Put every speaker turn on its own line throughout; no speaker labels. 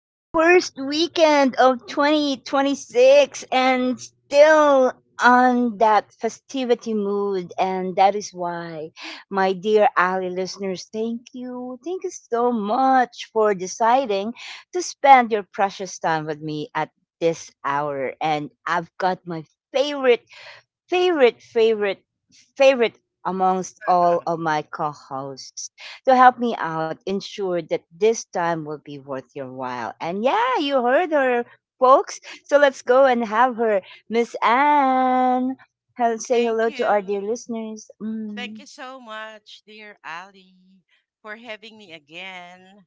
yay! First weekend of 2026 and still on that festivity mood. And that is why, my dear Ali listeners, thank you. Thank you so much for deciding to spend your precious time with me at this hour. And I've got my favorite favorite, favorite, favorite amongst all of my co hosts to help me out, ensure that this time will be worth your while. And yeah, you heard her, folks. So let's go and have her, Miss Anne. Say
Thank
hello to our dear
you.
listeners.
Thank you so much, dear Ali, for having me again.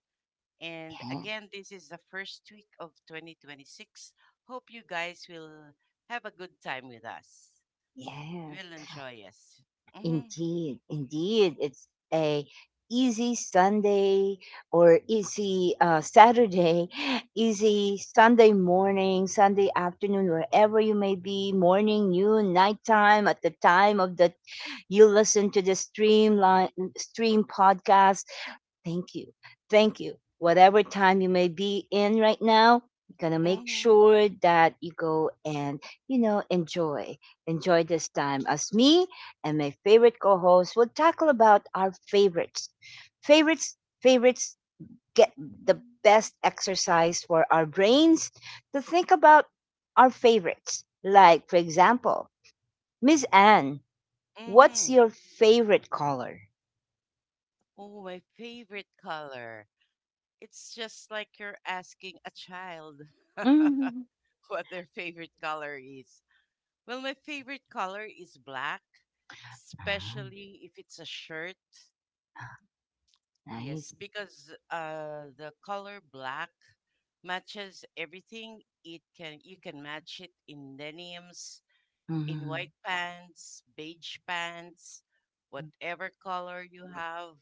And
Yeah,
again, this is the first week of 2026. Hope you guys will have a good time with us.
yes.
We'll enjoy us. Mm-hmm,
Indeed, indeed. It's a easy Sunday or easy Saturday, easy Sunday morning, Sunday afternoon, wherever you may be, morning, noon, nighttime, at the time of the you listen to the stream podcast. Thank you. Thank you. Whatever time you may be in right now, going to make
mm-hmm,
sure that you go and enjoy. Enjoy this time as me and my favorite co host will tackle about our favorites. Favorites, favorites get the best exercise for our brains to think about our favorites. Like, for example, Miss Anne, what's
mm-hmm.
your favorite color?
Oh, my favorite color. It's just like you're asking a child
Mm.
what their favorite color is. Well, my favorite color is black,
Ah,
especially if it's a shirt. Yes,
nice.
because the color black matches everything. It can you can match it in denims, in
Mhm.
white pants, beige pants,
Mm.
whatever color you have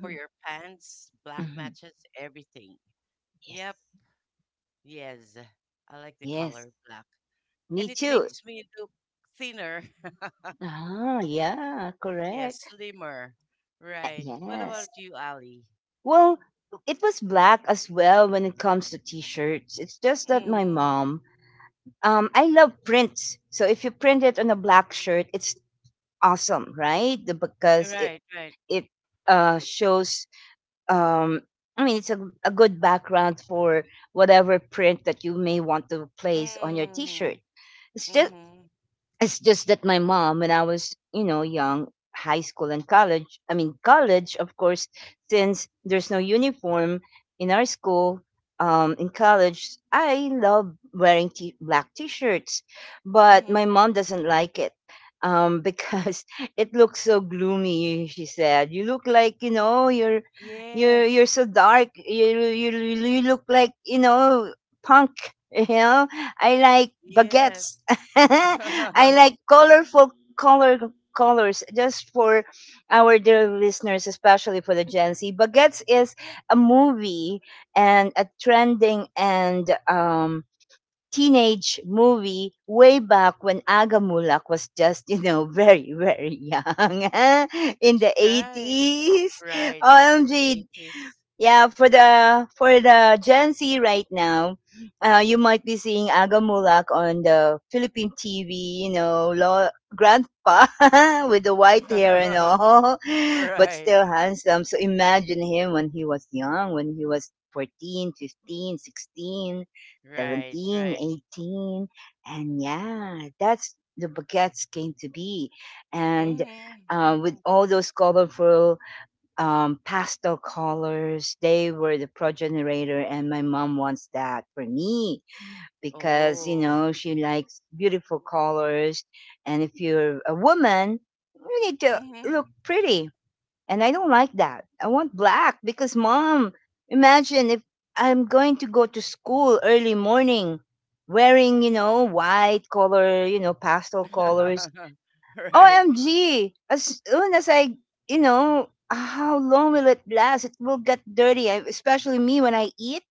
for your pants. Black
Mhm.
matches everything.
Yes.
Yep. Yes, I like the
Yes.
color black,
Me
and it
too.
makes me look thinner.
Ah, yeah,
Yes,
correct.
slimmer. Right. What
Yes.
about you, Ali?
Well, it was black as well when it comes to t-shirts. It's just that my
Mm-hmm.
mom, I love prints. So if you print it on a black shirt, it's awesome, right? Because it
Right. Right.
it uh shows um I mean it's a good background for whatever print that you may want to place on your
Hmm.
t-shirt. It's just
Mm-hmm.
It's just that my mom, when I was, you know, young, high school and college, I mean, college, of course, since there's no uniform in our school, in college, I love wearing black t shirts, but
Mm-hmm.
my mom doesn't like it because it looks so gloomy, she said. You look like, you know, you're. You're
Yes.
so dark. You look like you know punk. You know I like baguettes,
Yes.
I like colorful color colors just for our dear listeners, especially for the Gen Z. Baguettes is a movie and a trending and teenage movie way back when Agamulak was just, you know, very, very young in
That's
the
right.
80s.
Right. That's the
OMG,
80s.
yeah, for the Gen Z right now, you might be seeing Aga Mulak on the Philippine TV. You know, grandpa with the white hair and all, but
Right.
still handsome. So imagine him when he was young, when he was 14, 15, 16,
Right.
17,
Right.
18, and yeah, that's the baguettes came to be, and
Mm-hmm. Mm-hmm.
with all those colorful pastel colors. They were the progenitor, and my mom wants that for me because you
Oh.
know she likes beautiful colors. And if you're a woman, you need to
Mm-hmm.
look pretty. And I don't like that. I want black because, mom, imagine if I'm going to go to school early morning wearing, you know, white color, you know, pastel colors.
Right.
OMG! As soon as I, you know, how long will it last? It will get dirty, especially me when I eat.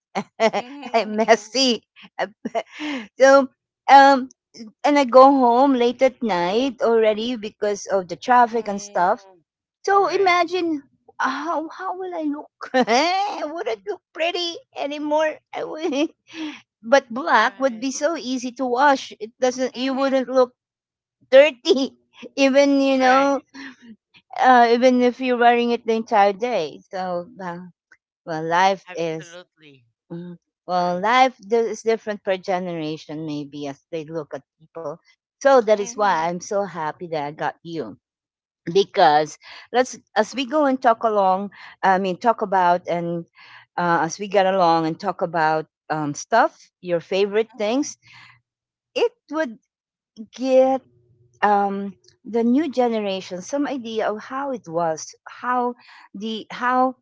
I'm
Mm-hmm.
messy. Um, So, um, and I go home late at night already because of the traffic and stuff.
Mm-hmm.
So
Right.
imagine how will I look? I would not look pretty anymore? But black would
Right.
be so easy to wash. It doesn't. You
Mm-hmm.
wouldn't look dirty even you
Right.
know even if you're wearing it the entire day. So, well,
Absolutely.
mm, well,
Correct.
is different per generation, maybe, as they look at people. So that is why
Mm-hmm.
I'm so happy that I got you. Because let's, as we go and talk along, I mean, talk about and as we get along and talk about stuff, your favorite
Mm-hmm.
things, it would get um, the new generation some idea of how it was, how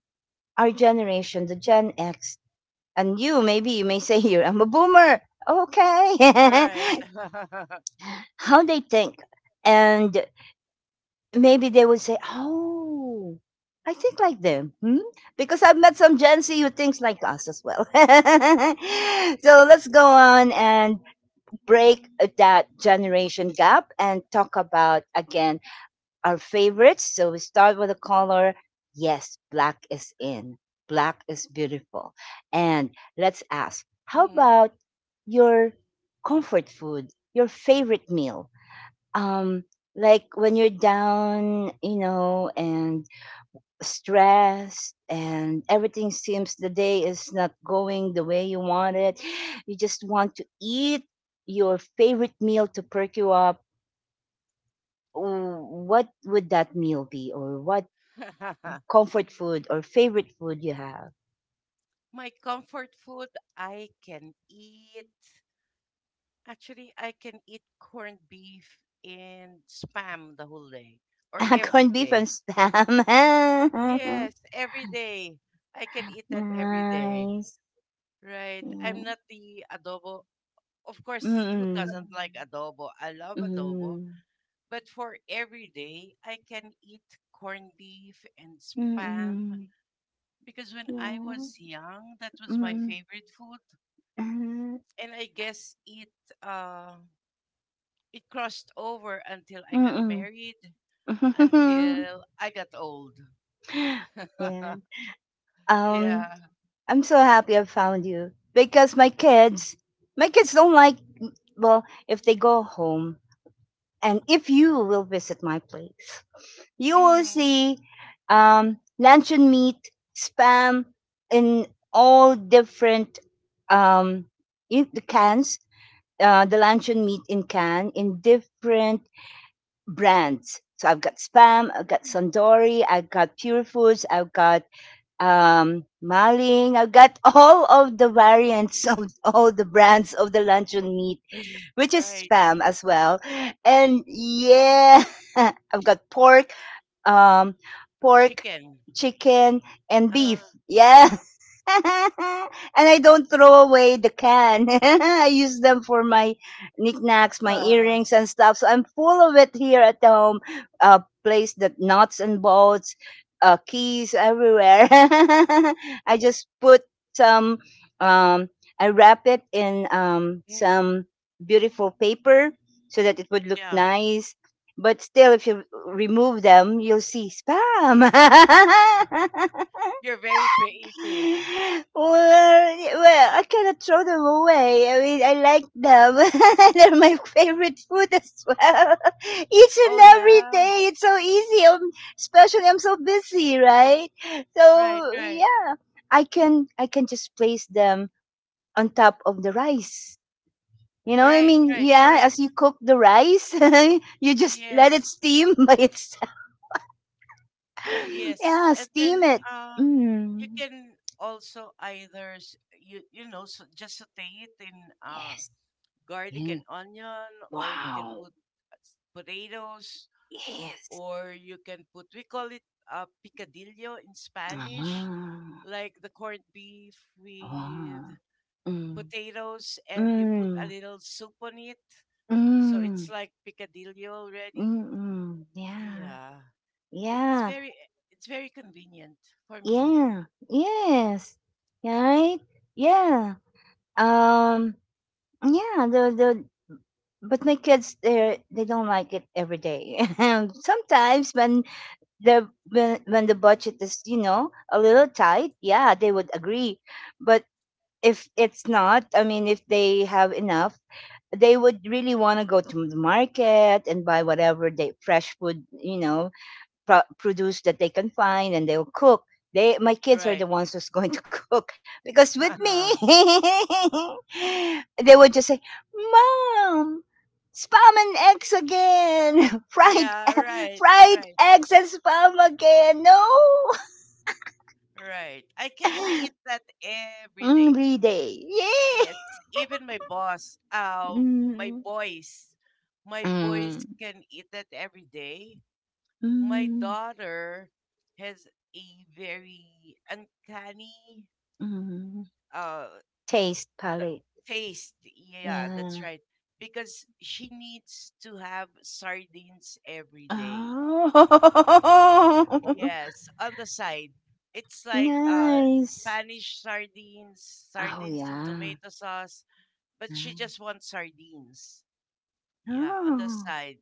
our generation, the Gen X, and you, maybe you may say here, I'm a boomer. Okay.
Right.
How they think. And maybe they would say, oh, I think like them. Hmm? Because I've met some Gen Z who thinks like us as well. So let's go on and break that generation gap and talk about, again, our favorites. So we start with a color. Yes, black is in. Black is beautiful. And let's ask, how
Mm-hmm.
about your comfort food, your favorite meal? Um, like when you're down, you know, and stressed and everything seems the day is not going the way you want it. You just want to eat your favorite meal to perk you up. What would that meal be, or what comfort food or favorite food you have?
My comfort food, I can eat. Actually, I can eat corned beef and spam the whole day or every
Corned beef and
day.
spam.
Yes, every day. I can eat that every day.
Nice.
Right. I'm
Yeah.
not the adobo. Of course, who
Mm-mm.
doesn't like adobo? I love adobo.
Mm.
But for every day, I can eat corned beef and spam
Mm.
because when I
Yeah.
was young, that was my
Mm.
favorite food. And I guess it uh, it crossed over until I got
Uh-huh.
married,
Mm.
until I got old.
Yeah. Um,
Yeah.
I'm so happy I found you because my kids don't like, well, if they go home and if you will visit my place. You will
Hmm.
see luncheon meat, spam in all different um, in the cans. The luncheon meat in can in different brands. So I've got spam, I've got Sandori, I've got Pure Foods, I've got Maling, I've got all of the variants of all the brands of the luncheon meat, which is
Right.
spam as well. And yeah, I've got pork um, pork,
Chicken.
chicken, and
Uh,
beef. Yeah. And I don't throw away the can. I use them for my knickknacks, my earrings, and stuff. So I'm full of it here at home. A place that nuts and bolts, keys everywhere. I just put some. Um, I wrap it in
mm,
some beautiful paper so that it would look
yeah.
nice but still, if you remove them, you'll see spam.
You're very creative.
Well, I cannot throw them away. I mean, I like them. They're my favorite food as well. Each and
Oh
every
yeah.
day, it's so easy. Especially, I'm so busy, right?
Right,
So
right.
yeah, I can just place them on top of the rice. You know, I
Right,
mean,
right.
yeah,
Correct.
as you cook the rice, you just let it
Yes.
steam by itself.
Yes.
Yeah,
And then
steam it.
uh you
Mm.
can also either just saute it in uh
Yes.
garlic
Yeah.
and onion, or you can
Wow.
put potatoes,
Yes.
or you can put, we call it picadillo in Spanish,
Ah.
like the corned beef with
Ah. Mm.
potatoes, and you put a
Mm.
little soup on it. So it's
Mm.
like picadillo already.
Mm-mm. Yeah.
Yeah, it's
Yeah.
very it's very convenient for me.
Yeah. Yes. Right? Yeah. Um yeah, the but my kids they don't like it every day. Sometimes when the budget is you know a little tight yeah they would agree but if it's not, I mean if they have enough they would really want to go to the market and buy whatever they fresh food you know produce that they can find and they'll cook. My kids are the
Right.
ones who's going to cook because with me, they would just say, "Mom, spam and eggs again, fried,
Yeah, right,
fried
right,
eggs and spam again." No,
right. I can eat that every day.
every day, yay!
Yes, even my boss, my
Mm,
boys, my boys
mm,
can eat that every day. My
mm,
daughter has a very uncanny
mm.
uh
Taste
th-
palette,
taste. Yeah, that's
yeah.
right. Because she needs to have sardines every day.
Oh,
Yes, on the side. It's like
nice.
Spanish sardines,
Oh,
sardines in
yeah.
tomato sauce, but she
Yeah.
just wants sardines. Yeah, on the
Oh,
side.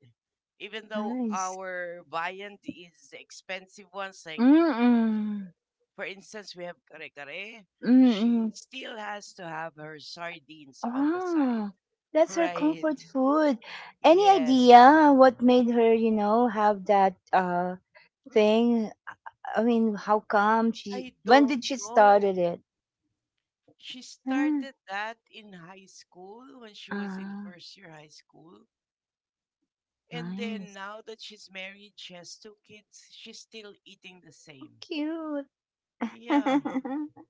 Even though
nice.
our viand is expensive ones, like,
Mm-mm.
for instance, we have kare kare, she
Mm-mm.
still has to have her sardines on the side.
Ah, that's her
Right.
comfort food. Any
Yes.
idea what made her, you know, have that thing? I mean, how come she?
I
When
don't
did she
know.
started it?
She
Ah,
started that in high school when she was in
ah,
first year high school. And then
nice.
now that she's married, she has two kids, she's still eating the same.
Cute.
Yeah.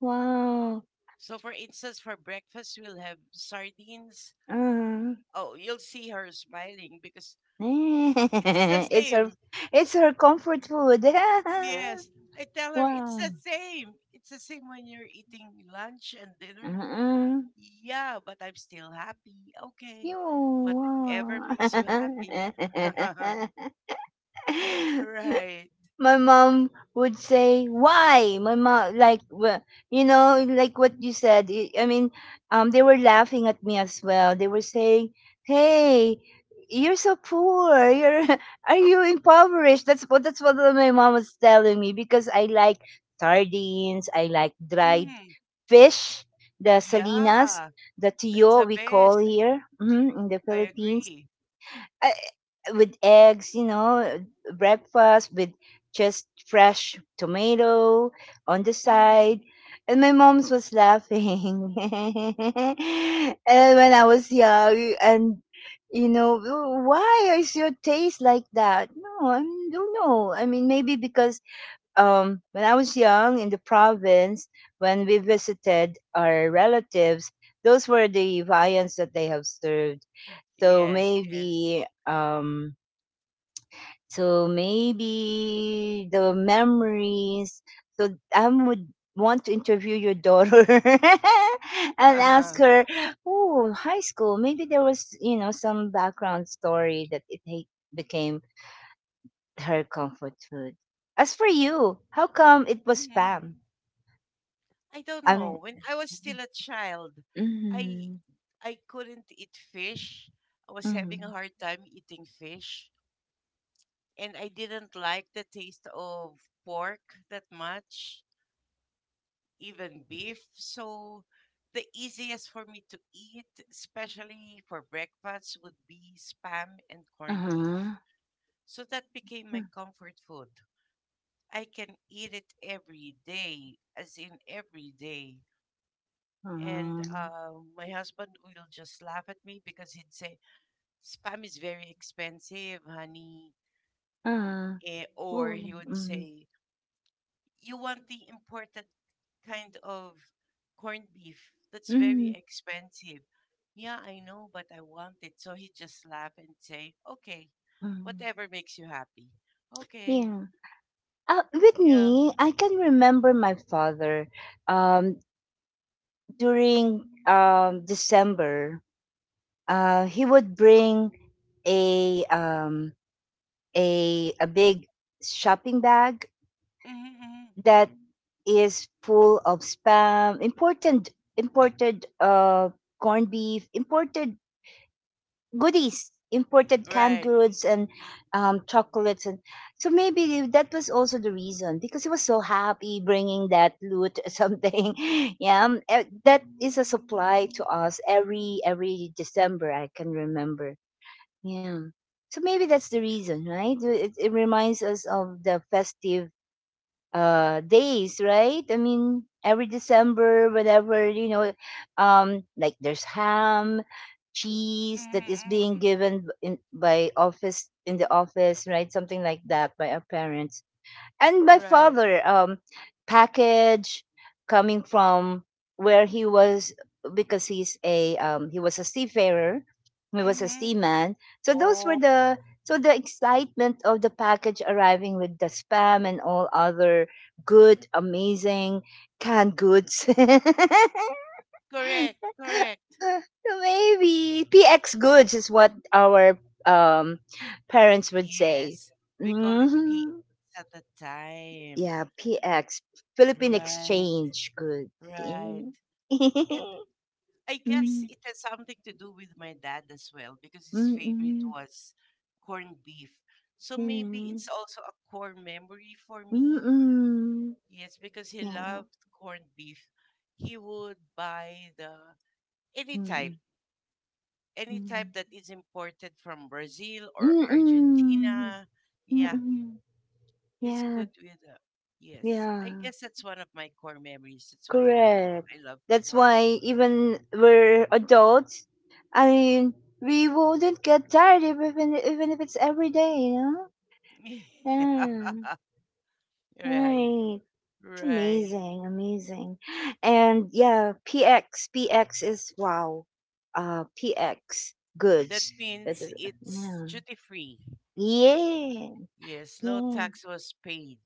Wow.
So, for instance, for breakfast, we'll have sardines.
Uh,
Oh, you'll see her smiling because it's the
it's her.
same.
It's her comfort food.
Yes. I tell her it's
Wow.
the same. It's the same when you're eating lunch and
Uh
dinner.
mm
Yeah, but I'm still happy. Okay.
You.
Whatever makes you happy. Right.
My mom would say, "Why?" My mom, like, you know, like what you said. I mean, they were laughing at me as well. They were saying, "Hey, you're so poor. You're are you impoverished?" That's what my mom was telling me because I like sardines. I like dry
Mm,
fish, the salinas,
yeah.
the
That's
tio
the
we call
best.
here mhm, in the
I
Philippines,
agree.
uh, with eggs, you know, breakfast with just fresh tomato on the
Mm,
side. And my mom's was laughing. And when I was young, and you know, "Oh, why is your taste like that? No, I don't know. I mean, maybe because when I was young in the province, when we visited our relatives, those were the viands that they have served. So
yes, yes.
maybe, um, so maybe the memories. So I would want to interview your daughter and ask her, oh, high school. Maybe there was, you know, some background story that became her comfort food. As for you, how come it was
Mhm.
spam?
I don't
I
know.
mean
When I was still a child, I
Mhm.
I couldn't eat fish. I was having a
Mhm.
hard time eating fish, and I didn't like the taste of pork that much, even beef. So the easiest for me to eat, especially for breakfast, would be spam and corned beef.
Uh-huh.
So that became my comfort food. I can eat it every day, as in every day.
Uh-huh.
And my husband will just laugh at me because he'd say, Spam is very expensive, honey.
Uh,
Eh, or
Ooh,
he would
mm.
say, You want the imported kind of corned beef that's very
Mhm.
expensive. Yeah, I know, but I want it. So he'd just laugh and say, Okay,
Mhm.
whatever makes you happy. Okay,
Yeah. With
yeah.
me, I can remember my father. Um, during December, he would bring a um a big shopping bag
Mm-hmm, mm-hmm."
that is full of spam, imported corned beef, imported goodies, imported canned
Right.
goods and chocolates, and so maybe that was also the reason because he was so happy bringing that loot or something. Yeah, that is a supply to us every December. I can remember. Yeah. So maybe that's the
Yeah,
reason, right? It reminds us of the festive days, right? I mean every December, whatever, you know, like there's ham, cheese that is being
mm-hmm,
given in by office in the office, right? Something like that by our parents. And my
mm-hmm." Right.
father, package coming from where he was, because he's a he was a seafarer, he was a
Mm-hmm.
seaman. So those were
Oh,
the, so the excitement of the package arriving with the spam and all other good, amazing canned goods.
correct, correct.
Maybe PX goods is what our um parents would say.
Yes, we call it
Mhm.
PS at the time.
Yeah, PX, Philippine
Right,
Exchange Goods.
right.
Eh.
And I guess
Mm,
it has something to do with my dad as well because his favorite
mm-mm,
was corned beef. So maybe
yeah.
it's also a core memory for me.
Mm-mm,
Yes, because he
yeah.
loved corned beef. He would buy the any type, any type
Mm-mm.
that is imported from Brazil or
Mm-mm,
Argentina. Yeah,
mm-mm.
he's
Yeah,
good with yes. I
yeah,
guess that's one of my core memories. That's why
correct.
I love
That's
corned
why even we're adults, I mean, we wouldn't get tired even even if it's every day, you know?
beef.
Yeah,
Right,
right. It's
right.
amazing, amazing. And yeah, PX, PX is wow. PX
That
goods. That
means
is,
it's
yeah.
duty free.
Yeah.
Yes, no tax
Yes.
was paid.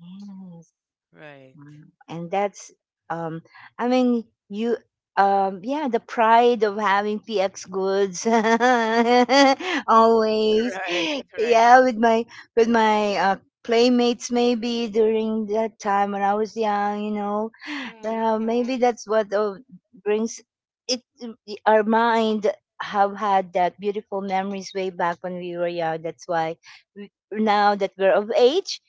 Yes.
Right.
Wow. And that's, um I mean, you, yeah, the pride of having PX goods always.
Right, right.
Yeah, with my, with my playmates maybe during that time when I was young, you know. Maybe
Mm-hmm,
that's what brings it, our mind, have had that beautiful memories way back when we were young. That's why we, now that we're of age,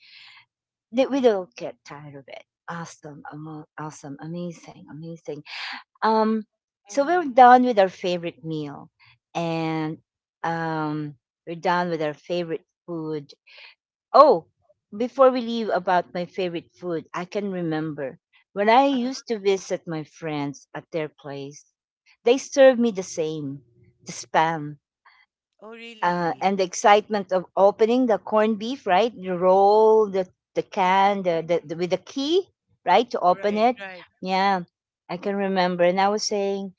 that we don't get tired of it. Awesome, awesome, amazing, amazing. Um, so we're done
mm-hmm.
with our favorite meal, and, um, we're done with our favorite food. Oh, before we leave about my favorite food, I can remember when I
Uh,
used to visit my friends at their place. They served me the same, the spam,
oh, really?
and the excitement of opening the corned beef, right? You roll the can,
Mm-hmm,
with the key, right, to open
right,
it.
right.
Yeah, I can remember. And I was saying,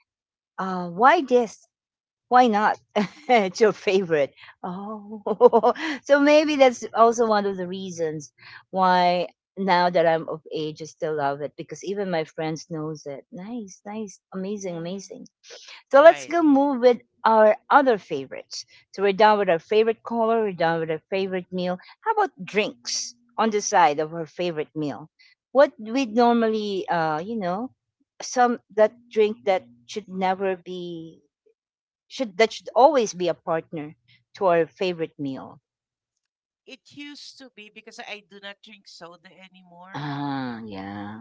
why this? Why not? It's your favorite. Oh, so maybe that's also one of the reasons why now that I'm of age, I still love it because even my friends knows it. Nice, nice, amazing, amazing.
Mm-hmm.
So let's go
Right.
move with our other favorites. So we're done with our favorite color, we're done with our favorite meal. How about drinks on the side of our favorite meal? What we normally, you know, some that drink that should never be, should that should always be a partner to our favorite meal.
It used to be, because I do not drink soda anymore.
Ah,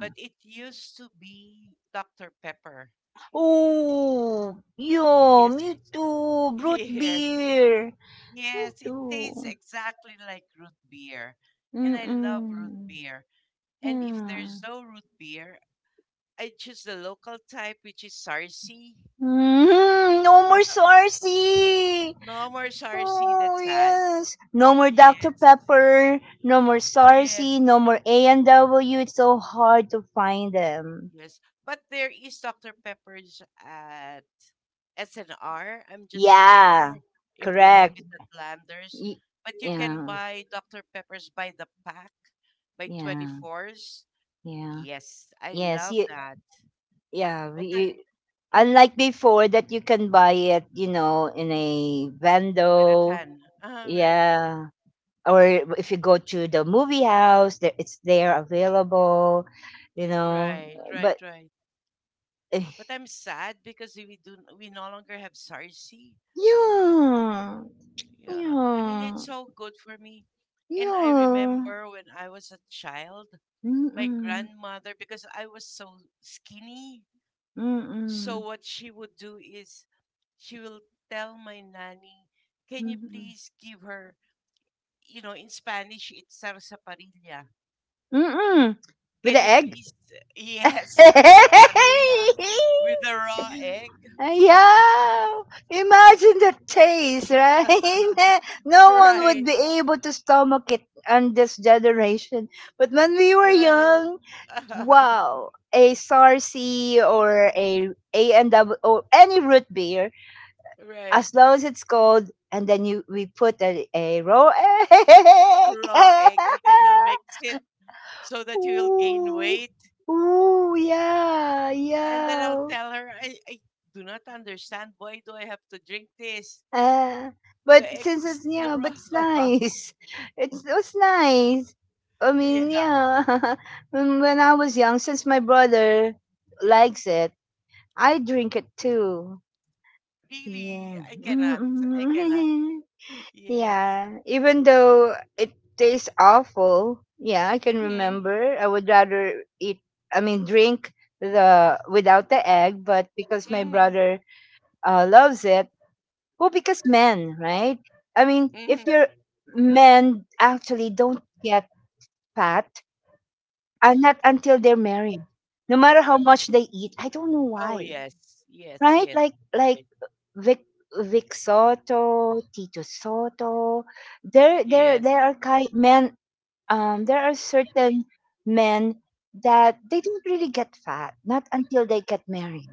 But it used to be Dr. Pepper.
Oh, yo,
Yes,
me too. Brute
yes,
beer. Me
yes. It tastes
too.
exactly like root beer, and I love root
Mm-mm.
beer. And if
Yeah.
there's no root beer, I choose the local type, which is Sarsi.
Mm, no more Sarsi.
No more Sarsi.
Oh
That's sad.
yes, no more
Yeah,
Dr Pepper, no more
yes,
Sarsi, no more A and W. It's so hard to find them.
yes. But there is Dr. Pepper's SNR. I'm just not sure
Yeah,
if they have
correct.
it at Landers,
Y-
but you can
yeah,
buy Dr. Peppers by the pack, by
yeah,
24s.
yeah.
Yes, I
Yes,
love
you,
that.
yeah.
But I'm
You, unlike
mm,
before that you can buy it, you know, in a
with a
vendo.
can. Ah, right,
Yeah, or if you go to the movie house, there it's there available, you know.
right, right,
But
right.
eh,
But I'm sad because we no longer have Sarsi.
yeah,
Yeah, I mean it's
yeah,
so good for me. And I
yeah.
remember when I was a child, my
Mm-mm,
grandmother, because I was so skinny. So
mm-mm,
what she would do is she will tell my nanny, "Can you
mm-mm,
please give her, you know, in Spanish it's sarsaparilla.
mm-mm. With
Can
the
you
egg.
please, yes, sarsaparilla with a raw egg?"
Yeah, imagine the taste, right? No one
Right,
would be able to stomach it on this generation. But when we were
right,
young, wow, a Sarsi or a A&W or any root beer,
right.
as long as it's cold, and then you we put a raw egg.
Raw egg, and then you'll mix it so that you will gain
Ooh,
weight.
ooh, yeah,
And then I'll
yeah.
tell her, I do not understand. Why do I have to drink this?
Uh, but
The egg
since
is
it's
still
yeah, but it's
raw.
nice. It's nice. I mean,
Yeah.
yeah. When when I was young, since my brother likes it, I drink it too.
Really,
Yeah.
I cannot. I cannot.
Mm-mm.
Yes.
Yeah. Even though it tastes awful, yeah, I can
Mm-hmm.
remember. I would rather eat, I mean, drink the without the egg, but because my
Mm-hmm.
brother, loves it. Well, because men, right? I mean, if
Mm-hmm.
you're men, actually don't get fat, and not until they're married. No matter how much they eat, I don't know
Oh
why.
yes. Yes.
Right?
Yes. Right.
Like Vic Soto, Tito Soto. There
Yes.
there are kind men, there are certain men that they don't really get fat, not until they get married.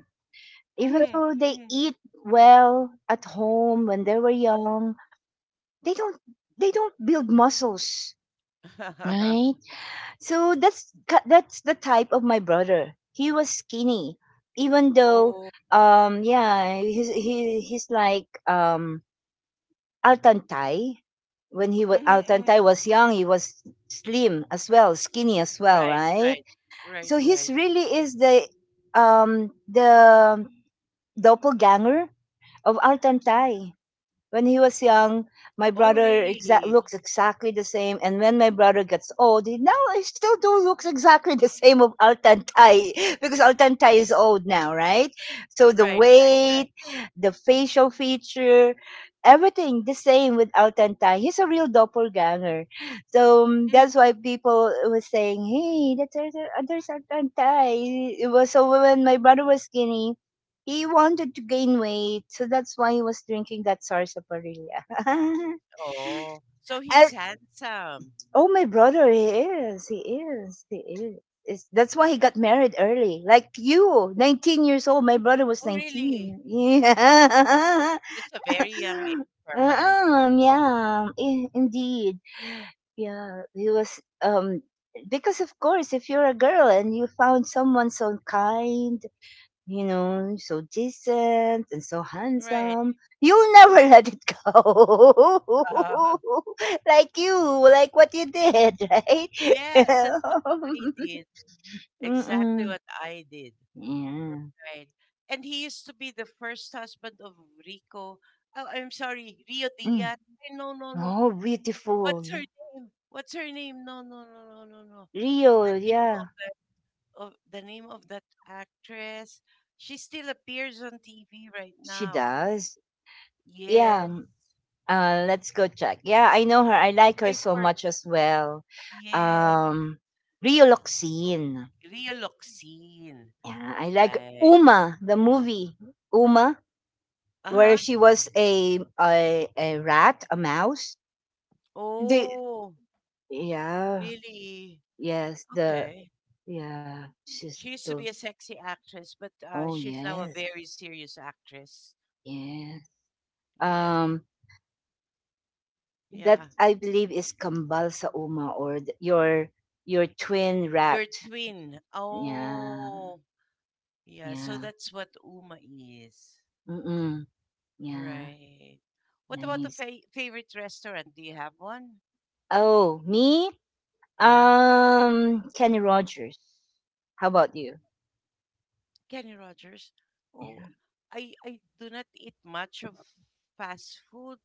Even
Mm-hmm.
though they
Mm-hmm.
eat well at home when they were young, they don't they don't build muscles, right? So that's the type of my brother. He was skinny, even though,
Oh.
yeah, he's like Altantai. When he was,
Mm-hmm. Mm-hmm.
Altantai was young, he was slim as well, skinny as well,
Right.
right?
Right. Right.
So
Right.
he's really is the, the doppelganger of Altantai. When he was young, my
Oh
brother
really?
looks exactly the same. And when my brother gets old, he now he still do looks exactly the same of Altantai because Altantai is old now, right? So the
Right. Right. Right.
weight, the facial feature, everything the same with Altantai. He's a real doppelganger. So
Mm.
that's why people were saying, "Hey, that's, there's Altantai." It was so when my brother was skinny he wanted to gain weight, so that's why he was drinking that sarsaparilla.
Oh. So he's
As,
handsome.
oh, my brother, he is, he is, he is. It's, that's
Y-
why he got married early, like you, 19 years old. My brother was
oh really?
19.
Really?
Yeah,
That's a very young age for a man.
yeah, indeed. Yeah, he was. Because of course, if you're a girl and you found someone so kind, you know, so decent and so
Right.
handsome, you'll never let it go.
Uh,
Like you, like what you did, right?
yes, that's what I did. Exactly what
Mm-mm.
I did.
Yeah.
Right. And he used to be the first husband of Rico. Oh, I'm sorry, Rio
Mm.
Diaz. Ay, no, no, no.
Oh, beautiful.
What's her
Yeah.
name? What's her name? No, no, no, no, no, no. The
Rio,
name of
yeah.
that of the name of that actress. She still appears on TV right
She
now.
does.
Yes.
Yeah. Let's go check. Yeah, I know her. I like her
I
so
for
much as well.
yes.
Um, Rio Loxin.
Rio Loxin.
Yeah, I like
Right.
Uma, the movie. Uma, where
Uh-huh.
she was a rat, a mouse. The,
Oh,
yeah,
really?
yes, the,
Okay.
yeah, she's
She used to be
the,
a sexy actress, but
oh
she's now a
yes,
very serious actress.
yes.
Yes.
Um, that
Yeah.
I believe is kambal sa uma, or your twin rat.
Your twin.
Yeah,
Oh, yeah. So
yeah,
that's what Uma is.
mm, yeah,
Right. What about the
nice.
favorite restaurant? Do you have one?
Oh, me?
Yeah.
Kenny Rogers. How about you?
Kenny Rogers. Oh, I do not eat much of fast food.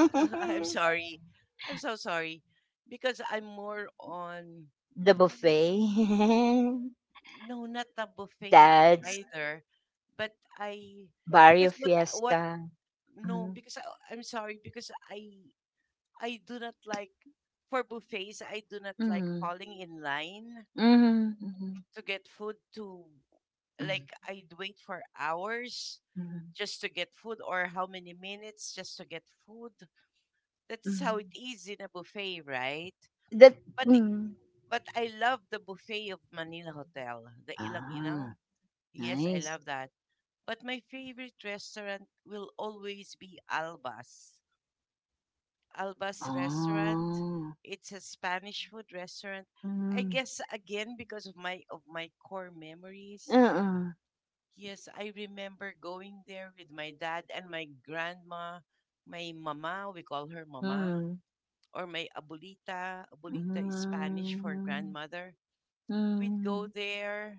I'm sorry. I'm so sorry because I'm more on.
The buffet.
No, not the buffet
Dad's,
either. But I, because
Barrio
what
Fiesta.
no,
Mhm,
because I, I'm sorry because I do not like, for buffets I do not like
mhm,
falling in line
mhm, mhm,
to get food to
mhm,
like I'd wait for hours
mhm,
just to get food or how many minutes just to get food. That's how it
mhm.
is in a buffet, right?
That.
But
Mhm.
but I love the buffet of Manila Hotel, the ilang ilang.
Ah,
Yes, I
nice.
love that. But my favorite restaurant will always be Alba's. Alba's restaurant.
Oh.
It's a Spanish food restaurant. I
Mm.
guess again because of my core memories.
Uh-uh.
Yes, I remember going there with my dad and my grandma, my mama, we call her mama,
Mm.
or my abuelita. Abuelita is Spanish for
Mm.
grandmother. We'd go
Mm.
there,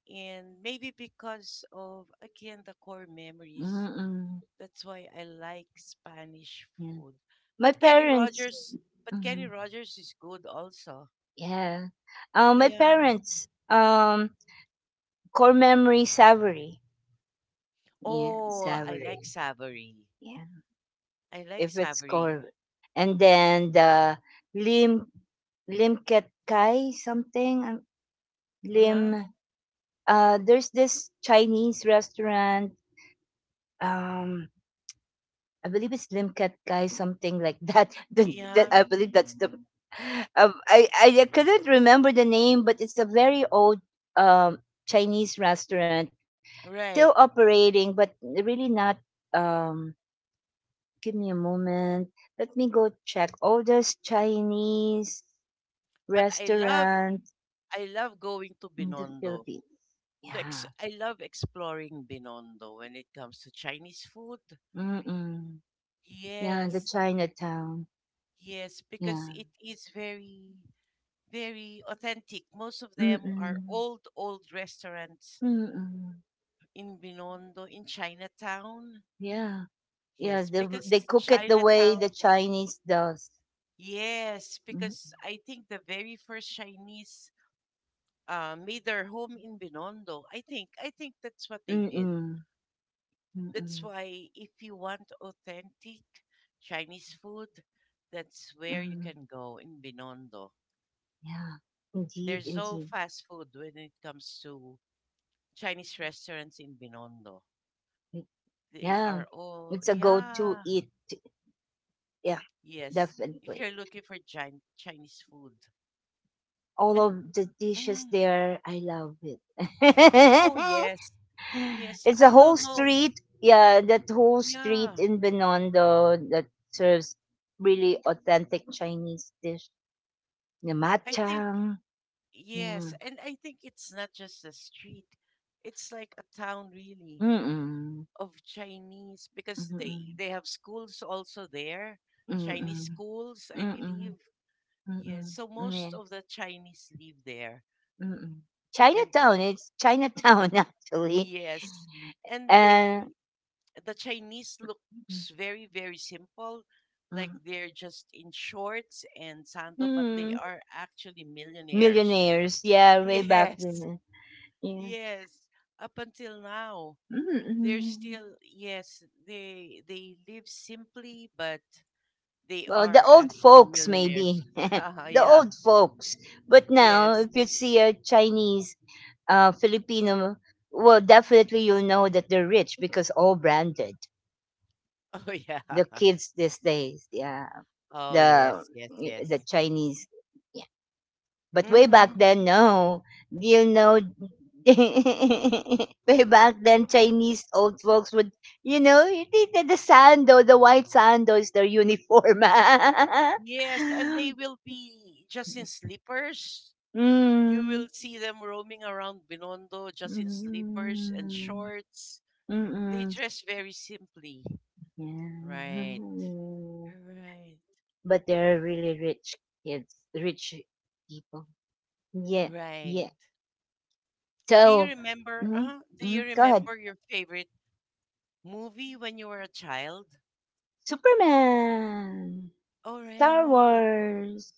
and maybe because of again the core memories.
Mm-mm.
That's why I like Spanish
Yeah.
food.
My
But
parents.
Kenny
Mm.
Rogers is good also.
Yeah. My
Yeah.
parents. Core memory Savory. Yeah,
Oh, I like
Savory.
Savory.
Yeah,
I like
if it's
Savory.
called. And then the Lim, Limket Kai something,
Uh-huh.
Lim. There's this Chinese restaurant. Um, I believe it's Limket Kai something like that. The, that
Yeah.
I believe that's the. Um, I I couldn't remember the name, but it's a very old, um, Chinese restaurant still
Right.
operating, but really not. Um, Give me a moment. Let me go check. Oldest Chinese
But
restaurant
I love going to
in the
Binondo.
Philippines. Yeah.
I love exploring Binondo when it comes to Chinese food.
Mm-mm. Yeah, the
Yes.
Chinatown.
Yes, because
Yeah.
it is very very authentic. Most of them are
Mm-mm.
old old restaurants
Mm-mm.
in Binondo, in Chinatown.
Yeah. Yeah,
Yes, because
they cook it the way
Chinatown,
the Chinese does.
yes,
Mm-
because I think the very first Chinese made their home in Binondo. I think that's what they did.
Mm-mm.
That's
Mm-mm.
why if you want authentic Chinese food, that's where you
Mm.
can go, in Binondo.
Yeah. Indeed,
There's no
indeed.
fast food when it comes to Chinese restaurants in Binondo.
Y-
They
Yeah.
are all,
It's a go-to
yeah.
eat. Yeah,
Yes, if
definitely.
you're looking for Chinese food.
All
And
of the dishes
mm,
there, I love it.
oh yes. Yes,
It's a
I
whole
don't know.
street. Yeah, that whole
Yeah.
street in Binondo that serves really authentic Chinese dish. The
I think
matchang. Yeah.
yes, and I think it's not just a street. It's like a town really
Mm-mm.
of Chinese because they
Mm-mm.
they have schools also there, Chinese
Mm-mm.
schools, I
Mm-mm.
believe. Yes,
Mm-mm.
so most
Yeah.
of the Chinese live there.
Mm-mm.
And
Chinatown. It's Chinatown, actually.
yes, and
And
the Chinese looks very, very simple. Like
mm,
they're just in shorts and sandal, but they
mm,
are actually millionaires.
millionaires. Yeah, way back
Yes,
then. Yeah.
yes. Up until now, they're
Mm-mm.
still, yes, they live simply, but they
Well, the
are
old
actually
folks,
millionaires.
maybe. The
Yeah.
old folks. But now,
Yes.
if you see a Chinese, Filipino, well, definitely you'll know that they're rich because all branded.
Oh yeah.
The kids these days, yeah.
Oh
The
yes, yes,
the
yes.
Chinese, yeah. But way back
Mm-hmm.
then, no. You know, way back then, Chinese old folks would, you know, the sando, the white sando is their uniform.
Yes, and they will be just in slippers. You
Hmm,
will see them roaming around Binondo
mm,
just in slippers and
mm,
shorts. They
mm-mm,
dress very simply.
yeah.
Right. Right.
But they're really rich kids, rich people. Yeah,
Right.
yeah. So, mm,
Do you
mm, go ahead.
remember your favorite movie when you were a child?
Superman,
All
Star
right.
Wars.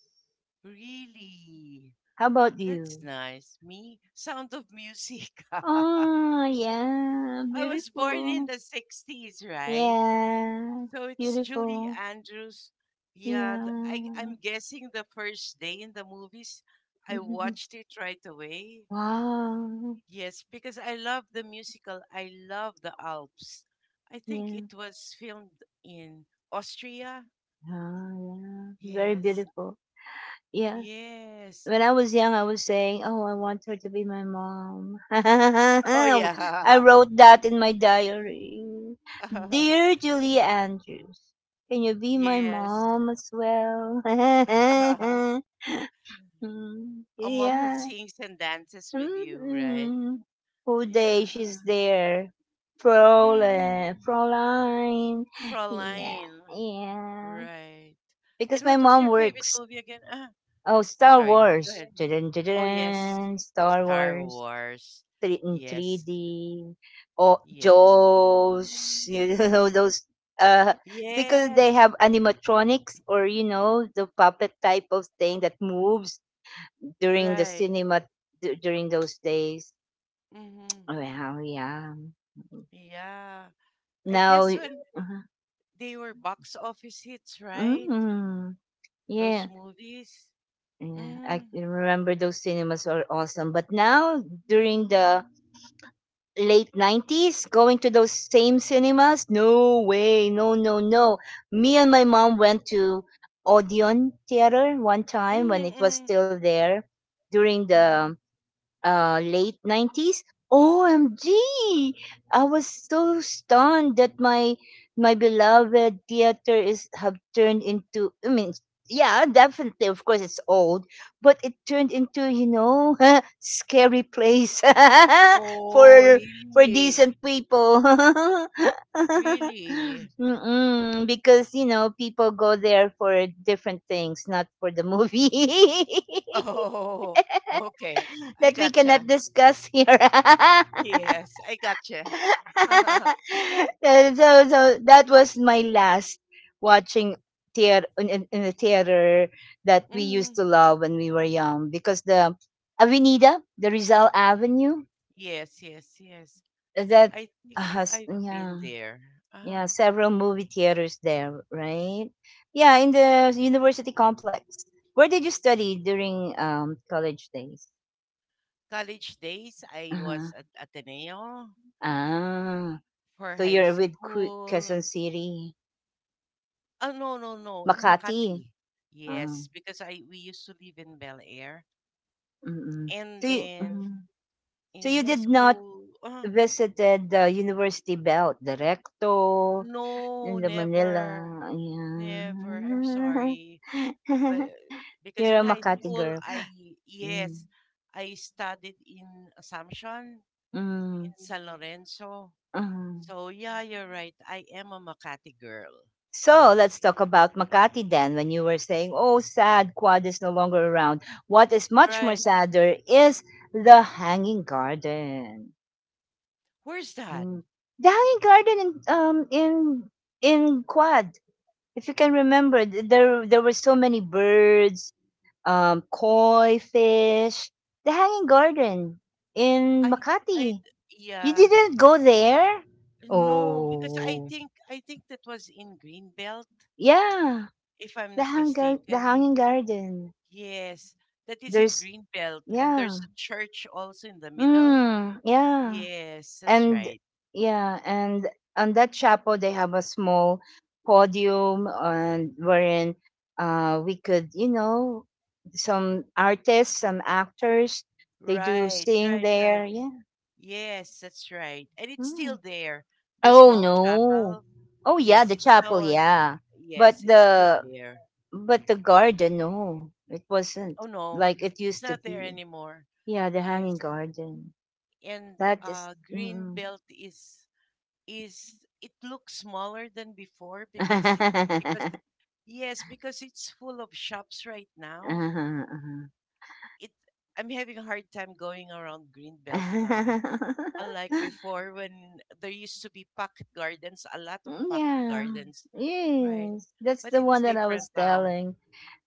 Really?
How about
That's
you?
nice. Me? Sound of Music. I
Oh, yeah,
was born in
beautiful.
the 60s, right?
Yeah,
So it's Julie
beautiful.
Andrews. Yeah, I'm
Yeah.
guessing the first day in the movies, I watched it right away.
Wow.
Yes, because I love the musical. I love the Alps. I think
Yeah.
it was filmed in Austria.
Ah, yeah. Very
Yes,
beautiful. Yeah.
yes.
When I was young, I was saying, "Oh, I want her to be my mom."
Oh, yeah.
I wrote that in my diary. Dear Julia Andrews, can you be my
Yes.
mom as well? Mm,
A mom who
yeah.
sings and dances with you, right?
Mm-mm. Whole day she's
Yeah.
there. Fräulein,
Mm-hmm.
Fräulein. Yeah,
Fraulein.
yeah.
Right. And
Because my
what was
mom
your favorite
works.
movie again?
Oh,
I'm
Star
sorry. Go
Wars.
ahead.
Dun, dun,
Oh, yes.
dun, Star
Star
Wars.
Wars.
Three in
Yes.
3D. Oh,
Yes.
Jaws. You know, those. Uh, because they
Yes.
have animatronics or, you know, the puppet type of thing that moves during the
Right.
cinema, during those days.
Mm-hmm.
Oh, wow, yeah.
Yeah. I
Now,
guess when
uh-huh,
they were box office hits, right?
mm,
Those
yeah.
movies.
Yeah, I
Mm-hmm.
can remember those cinemas are awesome. But now during the late '90s going to those same cinemas, no, way no, no, no. Me and my mom went to odeon theater one time when it
Mm-hmm.
was
Mm-hmm.
still there during the,
Mm-hmm.
late '90s. OMG! I was so stunned that my beloved theater is have turned into, I mean, yeah, definitely of course it's old, but it turned into, you know, scary place
Oh,
for for
really?
decent people.
Really?
Mm-mm, because you know people go there for different things, not for the movie.
Oh, okay. I
That we cannot
gotcha.
discuss here.
Yes, I gotcha.
So, so that was my last watching theater in the theater that we used
Mhm.
to love when we were young because the Avenida, the Rizal Avenue,
Yes, yes, yes.
that
I think
has,
I've been
yeah,
there. Uh,
yeah, several movie theaters there, right? Yeah, in the university complex. Where did you study during college days?
College days, I was
Uh-huh.
at Ateneo
Ah.
for
So
high
you're with
school.
Quezon City.
Oh, no, no, no, in
Makati.
Makati.
Uh,
Yes, because I we used to live in Bel Air.
mm.
And then
Mhm. so
in
you
high
did not
school,
visited the University Belt, the Recto,
no,
in the Manila.
never, never. I'm
Yeah.
sorry. But because
You're
in
a
high
Makati
school,
girl. Mm.
yes, I studied in Assumption,
Mm.
in San Lorenzo.
Mhm.
So yeah, you're right. I am a Makati girl.
So let's talk about Makati then. When you were saying, "Oh, sad, Quad is no longer around," what is much more
Right.
sadder is the Hanging Garden.
Where's that?
Mm. The Hanging Garden in Quad, if you can remember, there were so many birds, koi fish. The Hanging Garden in
I I
Makati. You
yeah.
didn't go there?
No, because I
Oh,
think I think that was in Greenbelt,
yeah.
if I'm
The
not
hang the
mistaken.
Hanging Garden.
Yes, that is in
There's
Greenbelt, and
Yeah.
there's a church also in the middle.
Mm, yeah.
Yes, that's
and
right.
Yeah. And on that chapel they have a small podium and wherein we could some artists, some actors, they do
Right,
sing
right,
there,
right.
yeah.
Yes, that's right. And it's still
Mm.
there. The
Oh,
small
no,
chapel.
oh, yeah,
Yes,
the
it's now
chapel,
a,
yeah. but
yes, it's still
the
there.
but the garden, no, it wasn't
Oh no,
like it
it's
used to
not there
be.
anymore.
Yeah, the Hanging
Yes,
Garden.
and green
Mm.
belt is it looks smaller than before because
Uh-huh,
yes, because it's full of shops right now.
uh-huh.
It I'm having a hard time going around green belt now. Unlike before when there used to be pocket gardens, a lot of pocket
Yeah.
gardens, right?
Yes. That's
But
the one
it's
that I
different
was
now.
telling.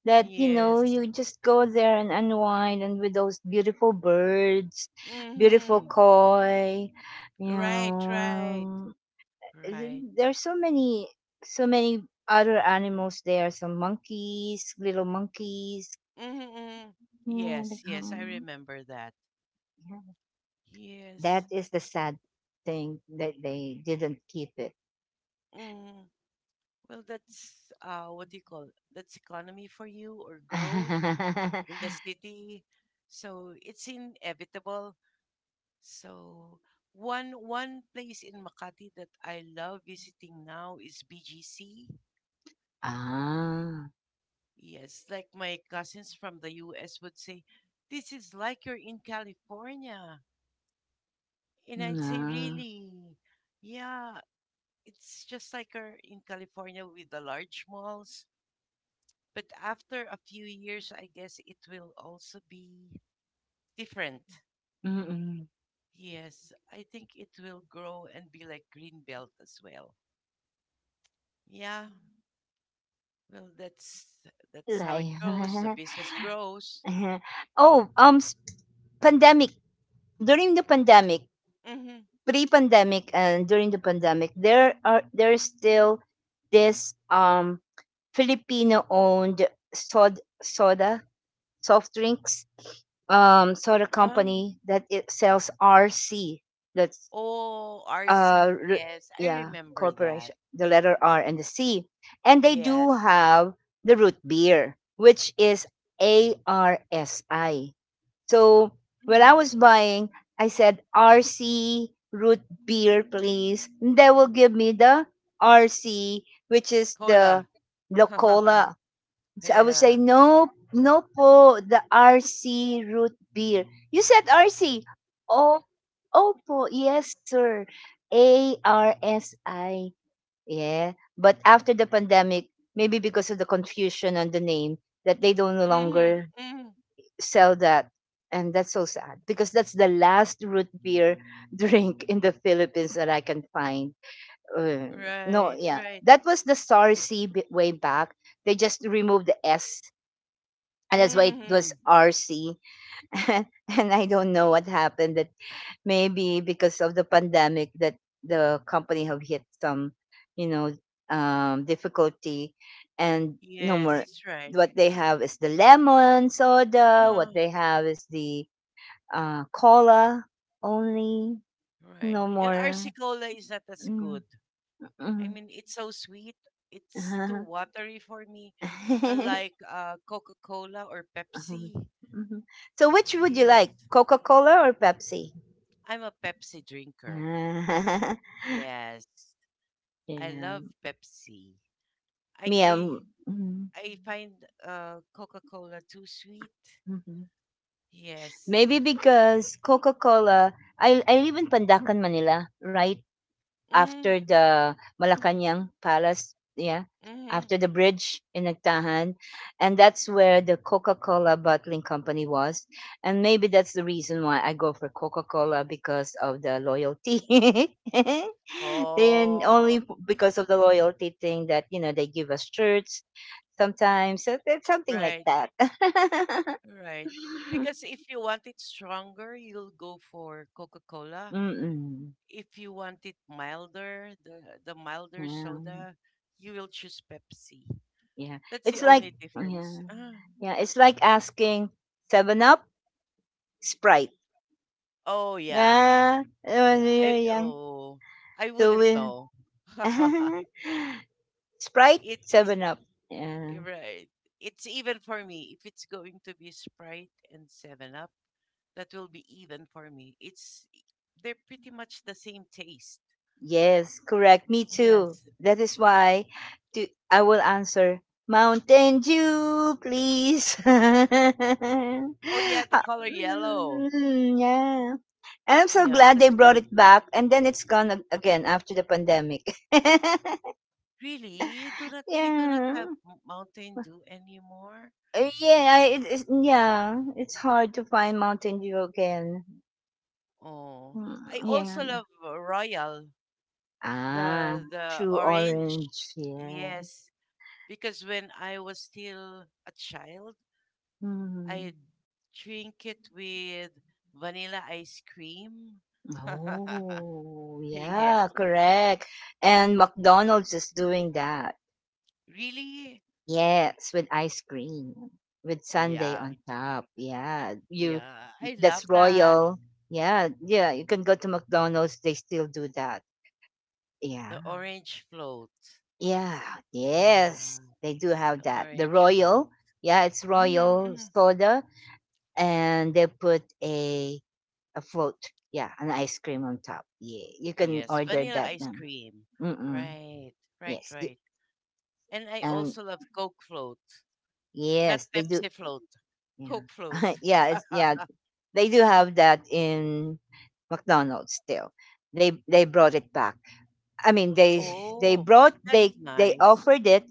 That
Yes.
you just go there and unwind and with those beautiful birds, beautiful
Mm-hmm.
koi, you
Right, right,
know.
right.
There's so many, so many other animals there. Some monkeys, little monkeys.
Mm-hmm. Mm-hmm.
Yeah, they
Yes, yes, I
come.
remember that.
Yeah.
Yes.
That is the sad thing that they didn't keep it.
Mm. Well, that's what do you call, that's economy for you or growth in the city. So it's inevitable. So one place in Makati that I love visiting now is BGC.
Ah,
Yes, like my cousins from the US would say, this is like you're in California. And I'd say,
na,
really? Yeah, it's just like in California with the large malls. But after a few years, I guess it will also be different.
mm.
Yes, I think it will grow and be like Greenbelt as well. Yeah, well, that's how it
Like,
goes. The business grows.
oh, s pandemic during the pandemic,
Mm-hmm.
pre-pandemic and during the pandemic, there's still this Filipino-owned soda soft drinks, soda
Ah.
company that it sells RC. That's
Oh,
uh
RC.
r-
Yes, I
yeah,
remember that.
corporation, the letter r and the c, and they do
Yes.
have the root beer, which is arsi. So when I
Mm-hmm.
was buying, I said RC root beer please. And they will give me the RC, which is the
Cola.
Locola. So I would say,
Yeah.
"No, no po, the RC root beer." You said RC. Oh, oh Opo, yes, sir. ARSI. Yeah. But after the pandemic, maybe because of the confusion on the name, that they don't no
Mm-hmm.
longer
Mm-hmm.
sell that. And that's so sad because that's the last root beer drink in the Philippines that I can find. Uh, no,
Right,
yeah.
right.
That was the SARC way back. They just removed the S and that's why it was
Hmm.
RC. And I don't know what happened. That maybe because of the pandemic, that the company have hit some, you know, difficulty, and no
Yes,
more.
that's right.
What they have is the lemon soda. What
Uh-huh.
they have is the cola only. No
Right. And
more.
Arsicola is not as
Mm,
good. I
mm.
mean, it's so sweet. It's too
Uh-huh.
watery for me. Unlike Coca-Cola or
Mhm.
Pepsi.
Mhm. So, which would you
Yes.
like, Coca Cola or Pepsi?
I'm a Pepsi drinker. Yes. I
Yeah.
love Pepsi. I
Me,
I
mhm,
I find Coca-Cola too sweet.
mhm.
Yes.
Maybe because Coca Cola, I live in Pandacan, Manila, right after
Mm,
the Malacanang Palace. Yeah.
mm-hmm.
After the bridge in Nagtahan. And that's where the Coca Cola bottling company was. And maybe that's the reason why I go for Coca Cola because of the loyalty. Then only
Oh,
because of the loyalty thing that they give us shirts sometimes. So it's something like
right.
that.
Right. Because if you want it stronger, you'll go for Coca-Cola.
Mm-mm.
If you want it milder, the milder
Yeah.
soda, you will choose Pepsi.
Yeah.
That's
It's
the
like,
only difference.
yeah.
Ah. Mm.
Yeah. It's like asking Seven Up, Sprite?
Oh yeah.
Yeah. When
Yeah.
we were
I
young.
oh I
So
wouldn't
we
know.
Sprite,
It's
Seven Up. Yeah.
right. It's even for me. If it's going to be Sprite and 7 Up, that will be even for me. It's They're pretty much the same taste.
Yes, correct. Me too.
Yes.
That is why, I will answer Mountain Dew, please.
Oh yeah, the
Ah,
color yellow.
mm, yeah. And I'm so
Yeah,
glad they
that's
brought
good.
it back, and then it's gone again after the pandemic.
Really, you do not. We do not
Yeah,
have Mountain Dew anymore.
Yeah, I, it, it's yeah. It's hard to find Mountain Dew again.
Oh, I
Mm,
also
yeah.
love Royal,
Ah,
the
true
orange.
orange. Yeah.
Yes, because when I was still a child, I
Mhm.
drink it with vanilla ice cream.
Oh,
Yes,
yeah, correct. And McDonald's is doing that.
really.
Yes, with ice cream, with
Oh
sundae
yeah,
on top. Yeah, you.
yeah. I love
That's
that.
royal. Yeah, yeah. You can go to McDonald's. They still do that. Yeah,
The orange float.
yeah. Yes,
Yeah.
they do have that. The
Orange float.
royal. Yeah, it's
Hmm.
royal
Hmm.
soda, and they put a float. Yeah, an ice cream on top. Yeah, you can
Yes,
order
vanilla
that
ice
now.
cream.
Mm, mm.
Right, right,
Yes, you,
right. And I
and
also love Coke float, not
yes, they do.
Pepsi float,
Yeah,
Coke float.
yeah. It's, yeah. They do have that in McDonald's still. They brought it back. I mean they they
Oh,
brought
that's
they they
nice.
offered it.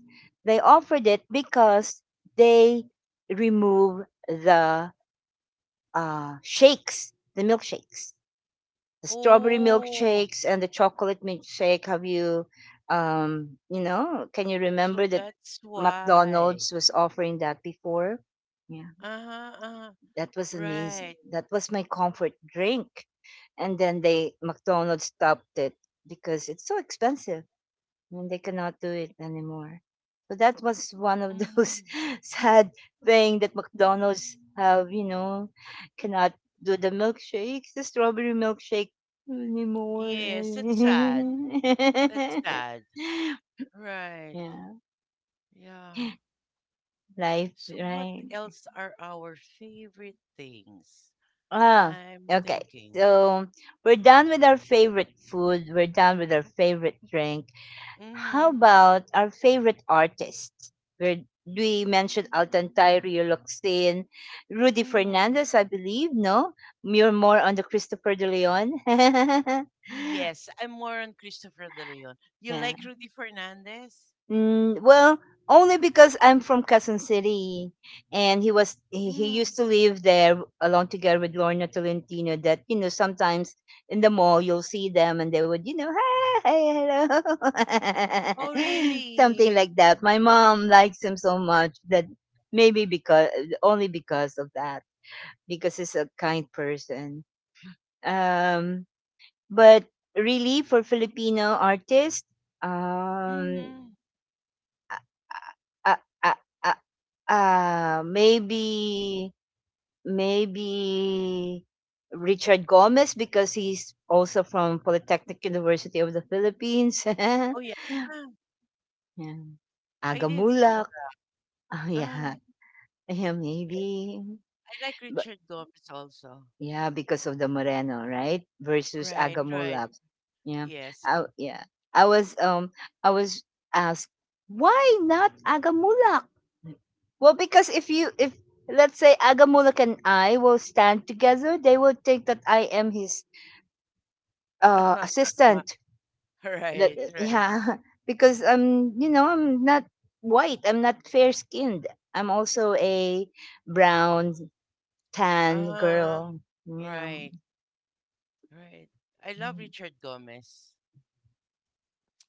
They offered it because they remove the shakes, the milkshakes, the strawberry
Oh,
milkshakes and the chocolate milkshake. Have you you know, Can you
so
remember that
that's why.
McDonald's was offering that before? Yeah,
Uh-huh, uh-huh.
that was amazing.
Right.
That was my comfort drink, and then they McDonald's stopped it because it's so expensive and they cannot do it anymore. So that was one of those
Hmm.
sad thing that McDonald's have cannot do the milkshakes, the strawberry milkshake anymore.
Yes, that's sad. That's sad. Right.
Yeah,
Yeah.
life,
So what
right?
else are our favorite things?
Ah,
I'm
okay.
thinking.
So we're done with our favorite food. We're done with our favorite drink. How
Mm-hmm.
about our favorite artists? Where we mentioned Altantai, Rio Loxin, Rudy
Mm-hmm.
Fernandez, I believe, no? You're more on the Christopher De Leon.
Yes, I'm more on Christopher De Leon. You
Yeah.
like Rudy Fernandez?
Mm, well, only because I'm from Quezon City, and he used
Mm.
to live there along together with Lorna Tolentino. That, sometimes in the mall you'll see them, and they would hi, hello,
Oh,
something
really?
like that. My mom likes him so much that maybe because only because of that, because he's a kind person. Um, but really for Filipino artists, um,
Mm-hmm.
I, I, I, maybe maybe Richard Gomez because he's also from Polytechnic University of the Philippines. Yeah.
Oh, yeah. I
Aga
didn't know
Mulak.
that.
Oh,
Ah,
yeah. Yeah,
yes.
maybe.
I like Richard Gomez also.
Yeah, because of the Moreno, right? Versus
Right, right.
Agamulak. Yeah.
Yes.
I, yeah. I was um I was asked, why not Agamulak? Well, because if you if let's say Agamulak and I will stand together, they will think that I am his assistant. That,
Right, right.
yeah, because I'm not white. I'm not fair skinned. I'm also a brown tan
Uh,
girl. Yeah.
right, right. I love Richard Gomez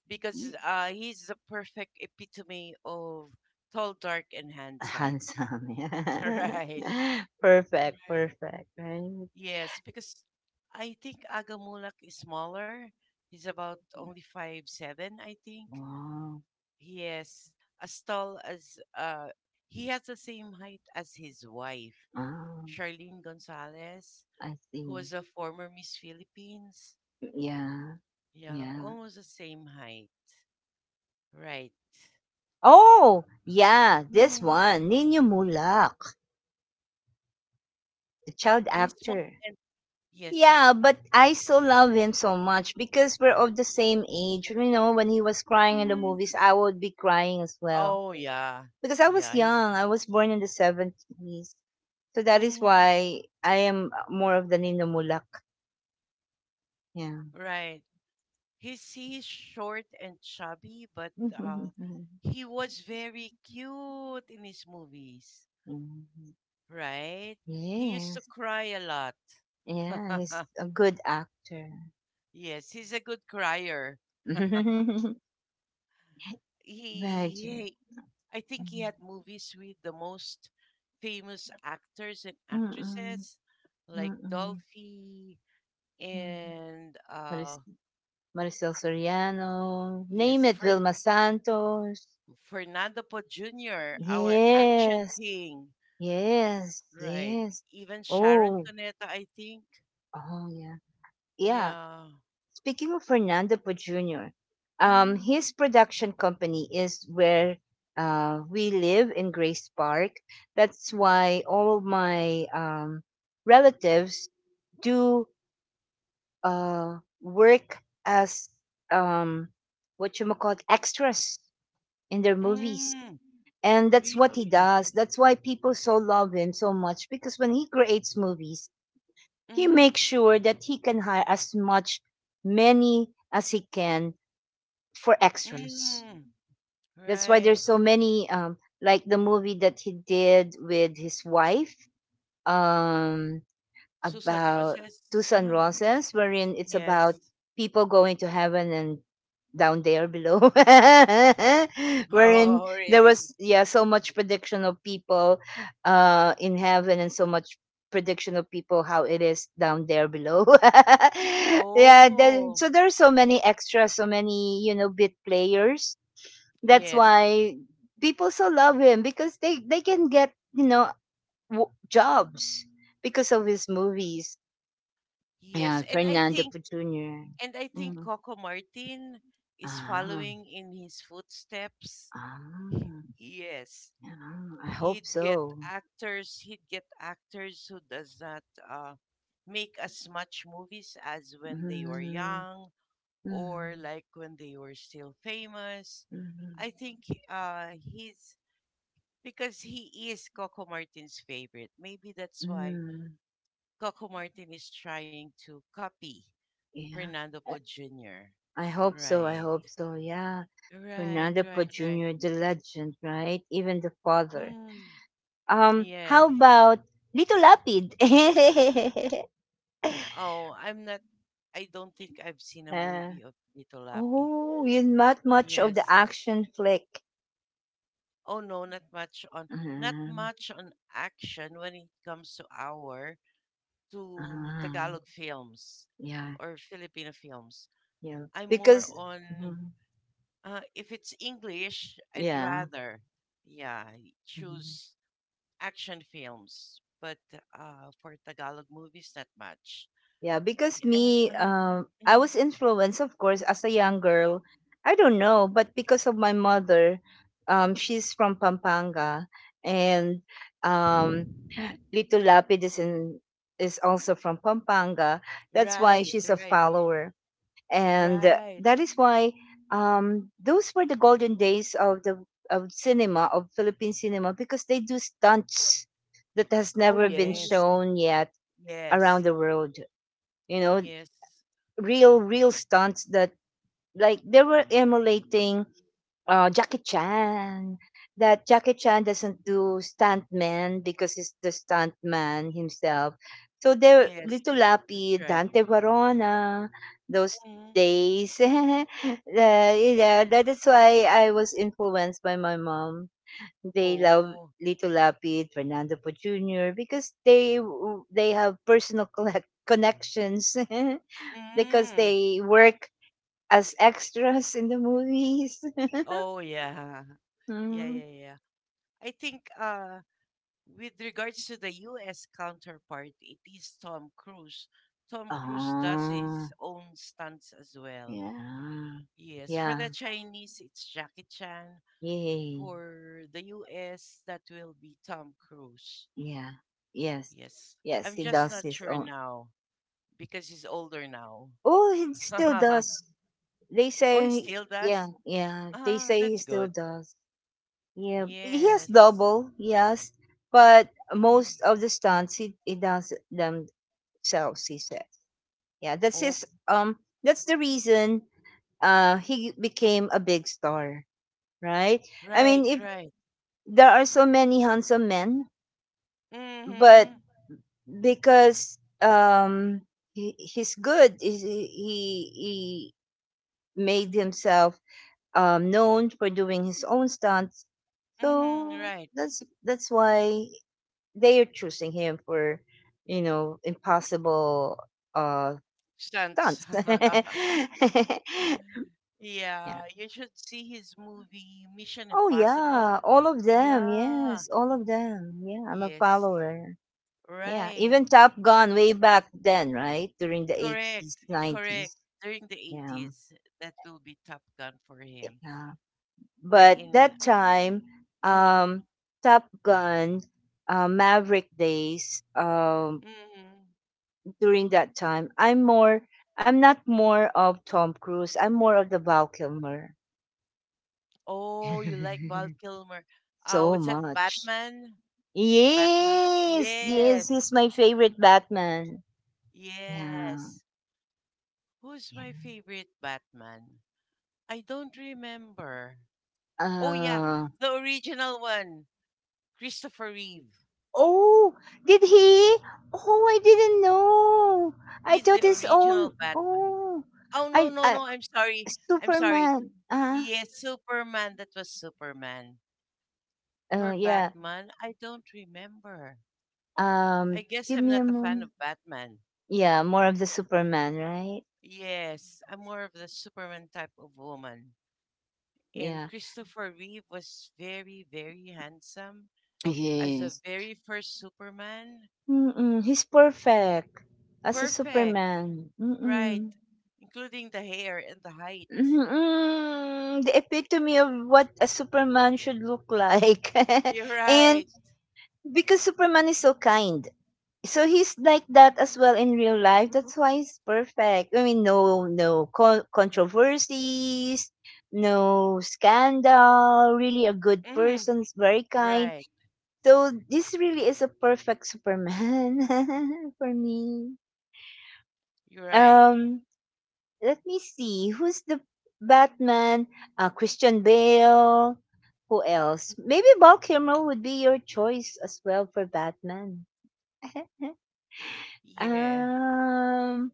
because he's the perfect epitome of tall, dark, and handsome.
Handsome, yeah.
Right.
Perfect,
Right.
perfect, right?
Yes, because I think Agamulak is smaller. He's about only 5'7", I think.
Wow.
Yes, as tall as he has the same height as his wife,
Ah,
Charlene Gonzalez,
I
who
see.
was a former Miss Philippines.
Yeah,
Yeah,
yeah.
almost the same height. Right.
Oh, yeah, this
Mm.
one, Nino Mulak, the child
He's small
actor.
and yes.
Yeah, but I still love him so much because we're of the same age. You know, when he was crying in the
Mm.
movies, I would be crying as well.
Oh yeah,
Because I was
yeah.
young, I was born in the 70s. So that is
Mm,
why I am more of the Nino Mulak. Yeah.
right. He's short and chubby, but
Mhm.
he was very cute in his movies, right? He used to
Yes.
cry a lot.
Yeah, he's a good actor.
Yes, he's a good crier. He,
Imagine.
he, I think he
Mhm.
had movies with the most famous actors and
Mm-mm.
actresses, like
Mm-mm.
Dolphy
Mm.
and
Maris- Maricel Soriano. Name
yes,
it,
Fern-
Vilma Santos.
Fernando Po Jr., our action
Yes.
king.
Yes.
Right.
Yes.
Even Sharon
Oh.
Cuneta, I think.
Oh, yeah. Yeah.
Yeah.
Speaking of Fernando Po Jr.,
Mm,
his production company is where we live in Grace Park. That's why all of my relatives do work as um, what you call extras in their movies.
mm,
And that's what he
really?
does. That's why people so love him so much because when he creates movies, he
Mm,
makes sure that he can hire as much, many as he can for extras.
mm,
That's why
right.
there's so many, like the movie that he did with his wife, um
Susan
about
Roses?
Susan
Ah,
Roses, wherein it's about
yes.
people going to heaven and down there below. Wherein
Oh,
there
really?
was, yeah, so much prediction of people in heaven, and so much prediction of people how it is down there below. Yeah,
Oh,
so there are so many extras, so many bit players. That's
yes,
why people so love him because they can get, jobs because of his movies.
yes.
Yeah,
And I
Fernando
think,
Jr.
and I think
Mm.
Coco Martin is
ah,
following in his footsteps.
ah,
Yes,
yeah, I hope
he'd get
so.
actors who does not uh, make as much movies as when they were
Mm,
young or
mm,
like when they were still famous,
mm,
I think. Uh, he's because he is Coco Martin's favorite, maybe that's why
mm,
Coco Martin is trying to copy
yeah.
Fernando Po
I
Jr.
I hope so. I
Right,
hope so. Yeah.
right,
Fernando
right,
Poe
right.
Jr., the legend, right? Even the father.
Mm, yes.
How about Little Lapid?
Oh, I'm not. I don't think I've seen a
Yeah.
movie of Tito Lapid.
Oh, you not much of the
Yes.
action flick.
Oh no, not much on not
Um,
much on action when it comes to our to
um,
Tagalog films
yeah,
or Filipino films.
yeah.
I'm more on,
Mhm.
if it's English, I'd
Yeah.
rather, yeah,
Mhm.
choose action films. But for Tagalog movies, not much.
Yeah, because
And
me, I
mhm.
was influenced, of course, as a young girl. I don't know, but because of my mother, she's from Pampanga, and um, Little Lapid is also from Pampanga. That's why
Right,
she's a
right.
follower. And
Right.
that is why those were the golden days of the of Philippine cinema because they do stunts that has
Oh,
never
mhm.
been
Yes.
shown yet around
Yes.
the world. You know,
Yes.
real stunts that, like, they were emulating, Jackie Chan. That Jackie Chan doesn't do stuntman because he's the stuntman himself. So there,
Yes.
Little
That's
Lapid,
right.
Dante Varona, those
Mhm.
days. Yeah, that is why I was influenced by my mom. They love
Oh.
Little Lapid, Fernando Po Jr. because they have personal connections because
Mm.
they work as extras in the movies.
Oh, yeah. Yeah,
Mm.
yeah, yeah. I think with regards to the US counterpart, it is Tom Cruise. Tom Cruise does
Oh,
his own stunts as well.
yeah.
Yes. For
Yeah.
the Chinese, it's Jackie Chan.
Yay.
For the US, that will be Tom Cruise.
Yeah. Yes.
Yes.
Yes,
I'm
he
just
does
not
his
sure
own.
now because he's older now.
Oh, he still does. They
Oh, he
say,
still
yeah,
does?
yeah. They
Ah,
say he
that's
still
good.
does. Yeah. He has
Yes.
double, yes. But
Mm.
most of the stunts, he does themselves, he said. Yeah,
Oh,
that's the reason he became a big star, right? I
right,
mean, if
right.
there are so many handsome men, but
Mm-hmm.
because he, he's good he made himself known for doing his own stunts,
Mm-hmm.
so
Right.
that's why they are choosing him for impossible uh
Stunts.
stunts. Yeah,
Yeah, you should see his movie Mission
oh yeah,
Impossible.
all of them,
Yeah.
yes, all of them, yeah, I'm a
Yes.
follower. Yeah,
Right.
even Top Gun, way back then, right? During the 80s,
Correct.
90s.
Correct. During the
Yeah,
80s, that will be Top Gun for him.
yeah.
We're
But
in.
that time,
Uh-huh.
um, Top Gun, Maverick days,
Hmm.
during that time, I'm not more of Tom Cruise. I'm more of the Val Kilmer.
Oh, you like Val Kilmer.
So
What's that?
much.
Batman? Batman?
Yes, yes,
Yes.
he's my favorite Batman. Yeah,
Yes. Who's my
yeah.
favorite Batman? I don't remember. Oh, yeah.
Uh,
The original one. Christopher Reeve.
oh, did he? Oh, I didn't know. I
He's
thought
the
his own.
original Batman.
Oh,
Oh, no,
I,
no,
I
no. I'm sorry. I'm sorry.
Superman.
Yes, Superman. That was Superman. For
Oh yeah.
Batman, I don't remember. I guess
Give
I'm
me
not
a
a fan of
moment.
Batman.
Yeah, more of the Superman, right?
Yes, I'm more of the Superman type of woman.
Yeah.
And Christopher Reeve was very, very handsome as the
Yes.
very first Superman.
Mm-mm, he's perfect as a
Perfect,
Superman.
right?
Mm-mm.
Including the hair and the height.
Mm-mm, the epitome of what a Superman should look like.
You're
And
right.
because Superman is so kind, so he's like that as well in real life. That's why he's perfect. I mean, controversies, no scandal. Really a good
Hmm.
person. He's very kind.
Right.
So this really is a perfect Superman for me.
You're right.
Um, let me see. Who's the Batman? Christian Bale. Who else? Maybe Val Kilmer would be your choice as well for Batman.
Yeah.
Um,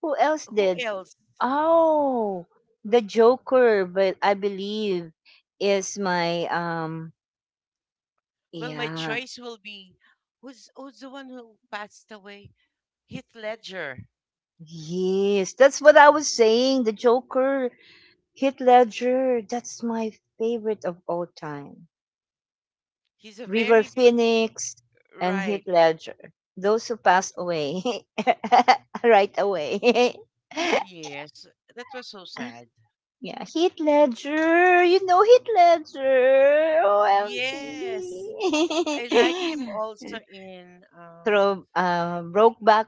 who else
Who
did?
else?
Oh, the Joker, but I believe is my
Well, my
yeah.
choice will be who's the one who passed away? Heath Ledger.
Yes, that's what I was saying. The Joker, Heath Ledger, that's my favorite of all time.
He's a
River
very good.
Phoenix and
Right.
Heath Ledger. Those who passed away right away.
Yes, that was so sad.
Yeah, Heath Ledger. You know Heath Ledger. OMG.
Yes, I liked him also in
Through Brokeback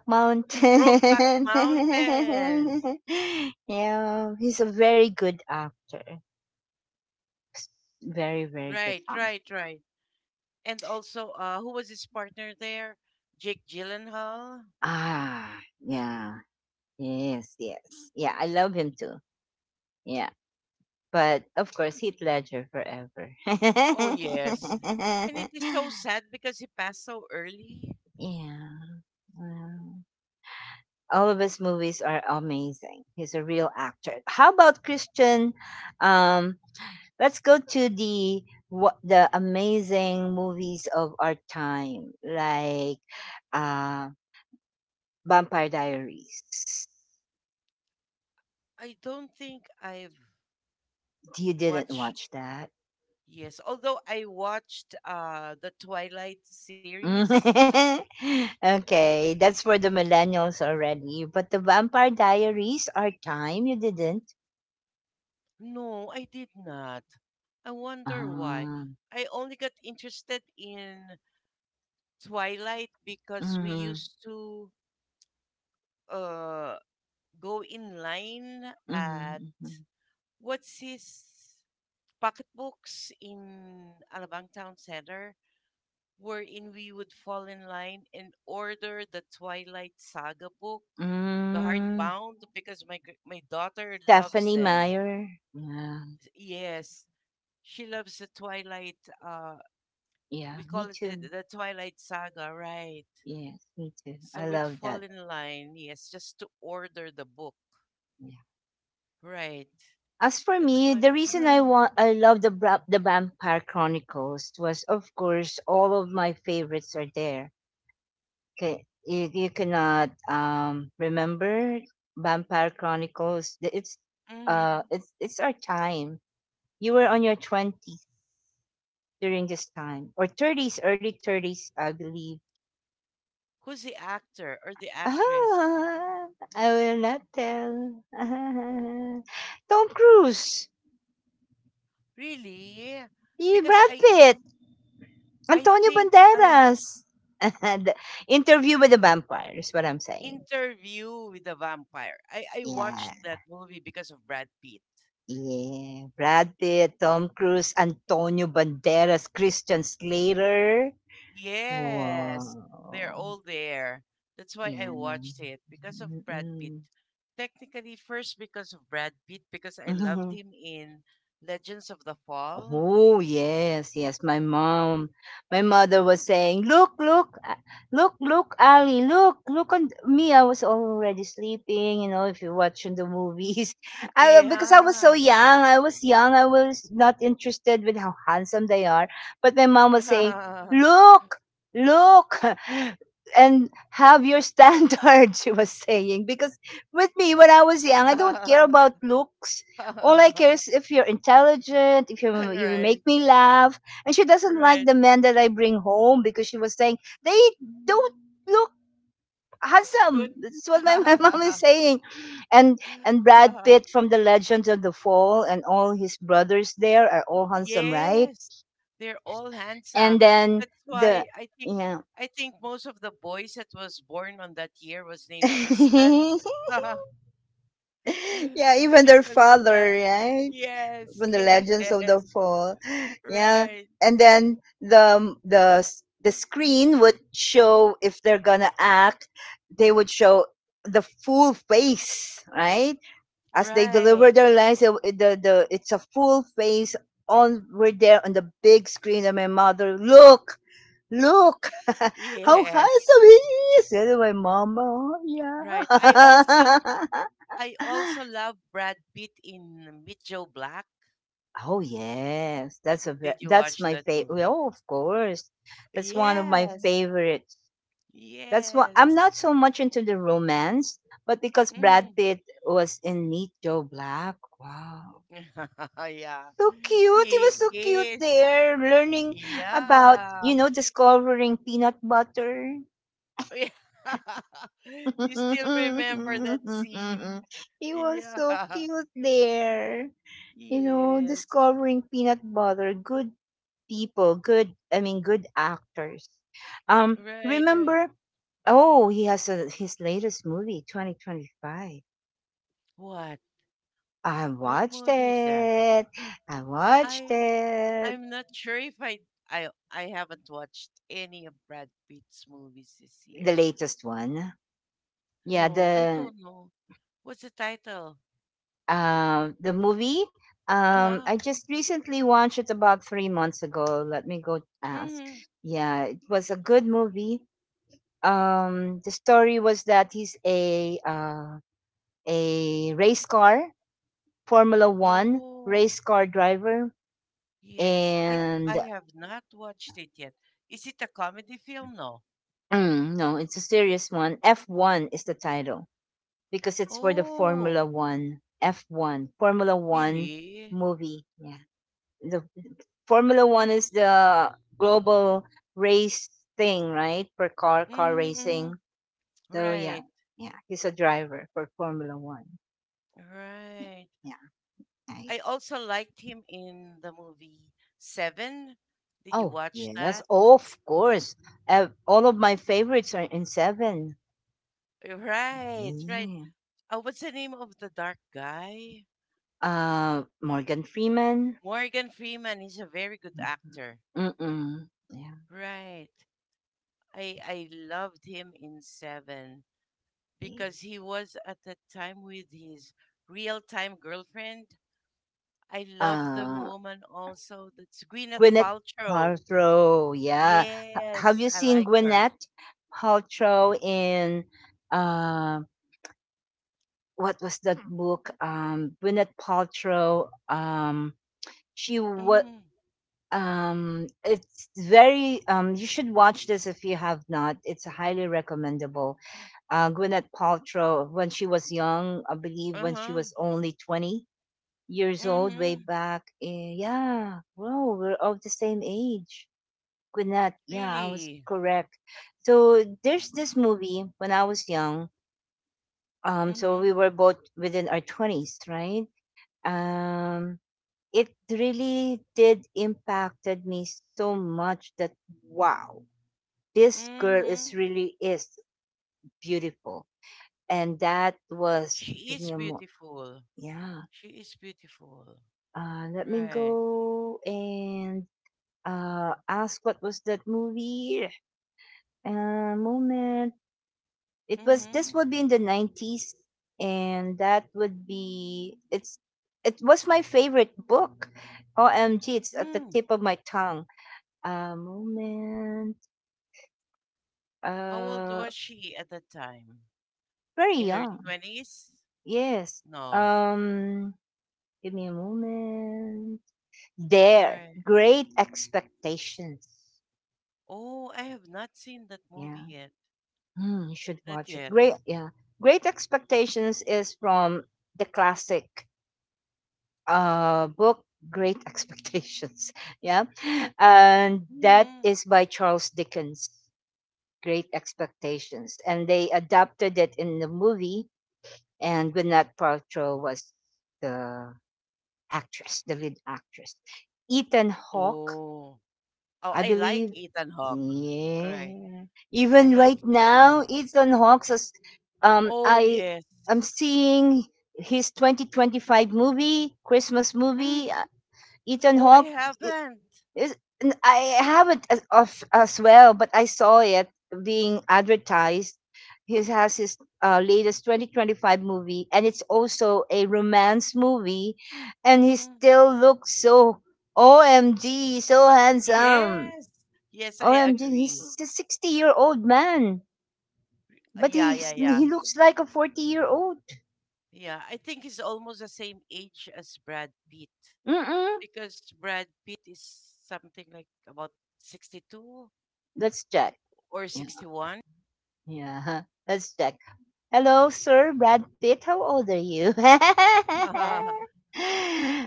Brokeback
Mountain.
Mountain.
Yeah, he's a very good actor. Very, very good
Right,
actor.
right, right. And also, who was his partner there? Jake Gyllenhaal.
Ah, yeah. Yes, yes. Yeah, I love him too. Yeah. But of course, Heath Ledger forever.
Oh
Yeah.
yes, and it is so sad because he passed so early.
Well, all of his movies are amazing. He's a real actor. How about Christian um, let's go to the what the amazing movies of our time, like uh, Vampire Diaries.
I don't think I've
You didn't
watched.
watch that.
Yes, although I watched the Twilight series.
Okay, that's for the millennials already. But the Vampire Diaries, our time, you didn't.
No, I did not. I wonder why.
Ah,
I only got interested in Twilight because we
mm-hmm,
used to uh, go in line at
mm-hmm, mm-hmm,
what's his pocketbooks in Alabang Town Center, wherein we would fall in line and order the Twilight Saga book, the
mm.
hardbound, because my daughter loves
Stephanie
them.
Meyer. Yeah,
Yes, she loves the Twilight.
yeah,
We
me
call it the,
too.
the Twilight Saga, right?
Yes, me too.
So
I
we'd
love
fall
that.
in line, yes, just to order the book. Right.
As for
That's
me, the
why.
reason I want I love the Vampire Chronicles was, of course, all of my favorites are there. Okay, you cannot remember Vampire Chronicles.
Mhm.
It's our time. You were on your twenties during this time or thirties, early 30s, I believe.
Who's the actor or the actress?
Ah, I will not tell. Tom Cruise,
Really?
eh,
Because
Brad Pitt.
I
Antonio
think I
Banderas. The Interview with the Vampire is what I'm saying.
Interview with the Vampire. I
Yeah.
watched that movie because of Brad Pitt.
Yeah. Brad Pitt, Tom Cruise, Antonio Banderas, Christian Slater.
Yes, they're
Wow.
all there. That's why I
Yeah, no.
watched it because of Brad Pitt.
Mm-mm.
Technically, first because of Brad Pitt because I loved him in Legends of the Fall.
Oh yes, yes. My mom, my mother was saying, "Look, look, look, look, Ali, look, look on th- me." I was already sleeping, you know. If you're watching the movies, because I was so
Yeah.
young. I was not interested with how handsome they are. But my mom was saying, "Look, look, and have your standards." She was saying because with me when I was young, I don't care about looks, all I care is if you're intelligent, if you
All
you
right,
make me laugh. And she doesn't like
right.
the men that I bring home because she was saying they don't look handsome.
Good.
That's what my, my mom is saying. And and Brad Pitt from the Legends of the Fall and all his brothers there are all handsome, right?
Yes, they're all
And
handsome.
then
That's why
the
I think
yeah.
I think most of the boys that was born on that year was named Tristan
Yeah, even their
because of that.
father, right?
Yes,
From the
yes,
Legends of the
yes.
Fall. Yeah.
Right,
And then the screen would show if they're gonna act, they would show the full face, right? As they
right.
deliver their lines, it- it- the it's a full face on right there on the big screen. And my mother, look, look, how
Yes,
handsome he is. And my mama, oh,
right. I also
yeah.
I also love Brad Pitt in Meet Joe Black.
Oh yes, that's a
Did you
that's
watch
my
that
favorite.
movie?
Oh, of course, that's one of my
Yes,
favorites. That's what I'm
yes.
not so much into the romance, but because Brad
Mm.
Pitt was in Meet Joe Black, wow,
Yeah.
so cute. He was
He
so cute
is.
there, learning about,
Yeah.
discovering peanut butter.
Yeah. You still remember that scene?
He was
Yeah.
so cute there, you know,
Yes.
discovering peanut butter. Good people, good I mean good actors.
Right, right.
Remember, oh, he has a, his latest movie 2025.
What?
I
What
watched
movie is that?
it. I watched
I
it.
I'm not sure if I haven't watched any of Brad Pitt's movies this
The
year.
latest one. Yeah,
No, I
the
don't know. What's the title?
um the movie,
Uh-huh.
I just recently watched it about 3 months ago. Let me go ask.
Mm-hmm.
Yeah, it was a good movie. The story was that he's a race car Formula One
Oh.
race car driver,
Yes, I
and
I have not watched it yet. Is it a comedy film? No.
mm, no, it's a serious one. F1 is the title because it's for the
Oh,
Formula One. F1, Formula One
really?
movie. Yeah. The Formula One is the global race thing, right? For car, car
Mm-hmm.
racing.
Mm-hmm.
So, yeah.
Right,
Yeah. He's a driver for Formula One. Yeah.
right.
Yeah.
I
Nice.
also liked him in the movie Seven. Did you
Oh,
watch
yes.
that?
Oh, of course. All of my favorites are in seven.
Right, right.
Hmm.
What's the name of the dark guy?
Ah, Morgan Freeman.
Morgan Freeman is a very good actor.
Mhm. Mm. Yeah.
Right. I loved him in Seven.
Yes.
Because he was at that time with his real time girlfriend. I love the
Uh,
woman also. That's Gwyneth
Gwyneth
Paltrow.
Paltrow. Yeah. H- have
Yes,
you
I
seen
like her.
Gwyneth Paltrow in uh, what was that book? Gwyneth Paltrow. She was.
Mm-hmm.
It's very. You should watch this if you have not. It's highly recommendable. Uh, Gwyneth Paltrow when she was young. I believe when she
Uh-huh.
was only 20 years old, way
Mm-hmm.
back. In, yeah, well, we're of the same age. Gwyneth, yeah, I was
Really.
correct. So there's this movie when I was young. So we
Mm-hmm.
were both within our 20s, right? Um, it really did impacted me so much that wow, this girl
Mm-hmm.
is really is beautiful, and that was
She
give
is
me a mo-
beautiful.
Yeah.
She is beautiful.
Let me
Right.
go and ask what was that movie? Moment. It was. This
Mm-hmm.
would be in the 90s, and that would be. It's. It was my favorite book. OMG! It's at the
Mm.
tip of my tongue. Moment.
How old
Uh,
was she at that time?
very
In her
young.
20s?
Yes.
No.
Um. Give me a moment. There.
Right.
Great Expectations.
Oh, I have not seen that movie
Yeah.
yet.
Mm, you should
Not
watch it.
yet.
Great, yeah. Great Expectations is from the classic book Great Expectations. Yeah, and that
Mhm.
is by Charles Dickens. Great Expectations, and they adapted it in the movie, and Gwyneth Paltrow was the actress, the lead actress. Ethan Hawke,
Oh. Oh,
I
I like
believe,
Ethan Hawke. Right.
yeah.
I
Even
like
right
Ethan
now,
Hawke.
Ethan Hawkes is.
Oh,
I
yes.
am seeing his 2025 movie, Christmas movie.
Mm.
Ethan
Oh, I
Hawke i-
haven't.
is. I haven't as, of, as well, but I saw it being advertised. He has his latest 2025 movie, and it's also a romance movie, and he
Hmm.
still looks so OMG, so handsome.
Yes. Yes, I
OMG, he's
agree.
a 60-year-old man, but
Yeah,
he
yeah, yeah.
he looks like a 40-year-old.
Yeah, I think he's almost the same age as Brad Pitt
Mm-mm.
because Brad Pitt is something like about 62
Let's check.
or
Yeah,
61.
yeah. Let's check. Hello, sir, Brad Pitt. How old are you?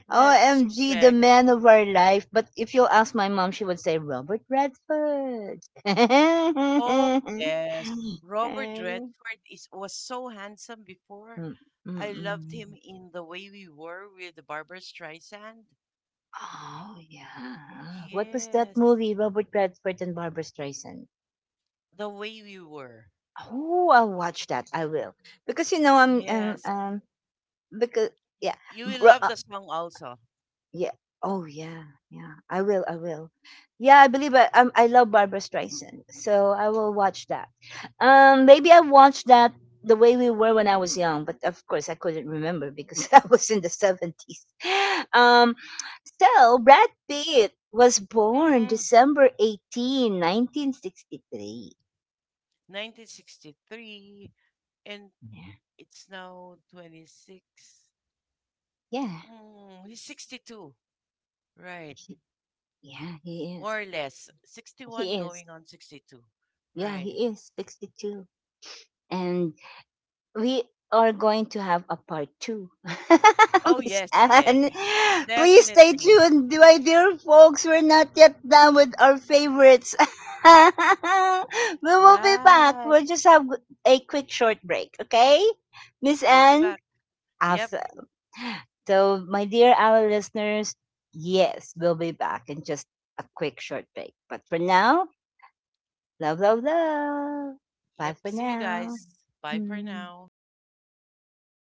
Let's
OMG, the
check.
man of our life. But if you'll ask my mom, she would say Robert Redford.
Oh, yes. Robert Redford is was so handsome before.
Mm,
I
mm,
loved
mm.
him in The Way We Were with Barbara Streisand.
Oh, yeah. What was that
Yes.
movie? Robert Redford and Barbara Streisand.
The Way We Were.
Oh, I'll watch that. I will because you know I'm
Yes.
because yeah.
You will love the song also.
Yeah. Oh yeah, yeah. I will. I will. Yeah, I believe I love Barbara Streisand, so I will watch that. Maybe I watched that the way we were when I was young, but of course I couldn't remember because I was in the 70s. Um, so Brad Pitt was born
Mm-hmm.
December 18, 1963.
1963 and
Mhm.
it's now 26.
Yeah, yeah.
Mm, he's 62. Right.
he- yeah, he is.
More or less. 61
He is.
going on 62.
Yeah,
Right.
he is 62. And we are going to have a part two.
Oh,
Miss
yes, yes.
Anne, please stay
Definitely.
tuned, my dear folks. We're not yet done with our favorites. We will be back.
Right.
We'll just have a quick short break, okay? Miss
We'll be
Anne,
back. Yep.
awesome. So, my dear our listeners, yes, we'll be back in just a quick short break. But for now, love, love, love.
Yep.
Bye for
See you
now.
guys. Bye for
Mm.
now.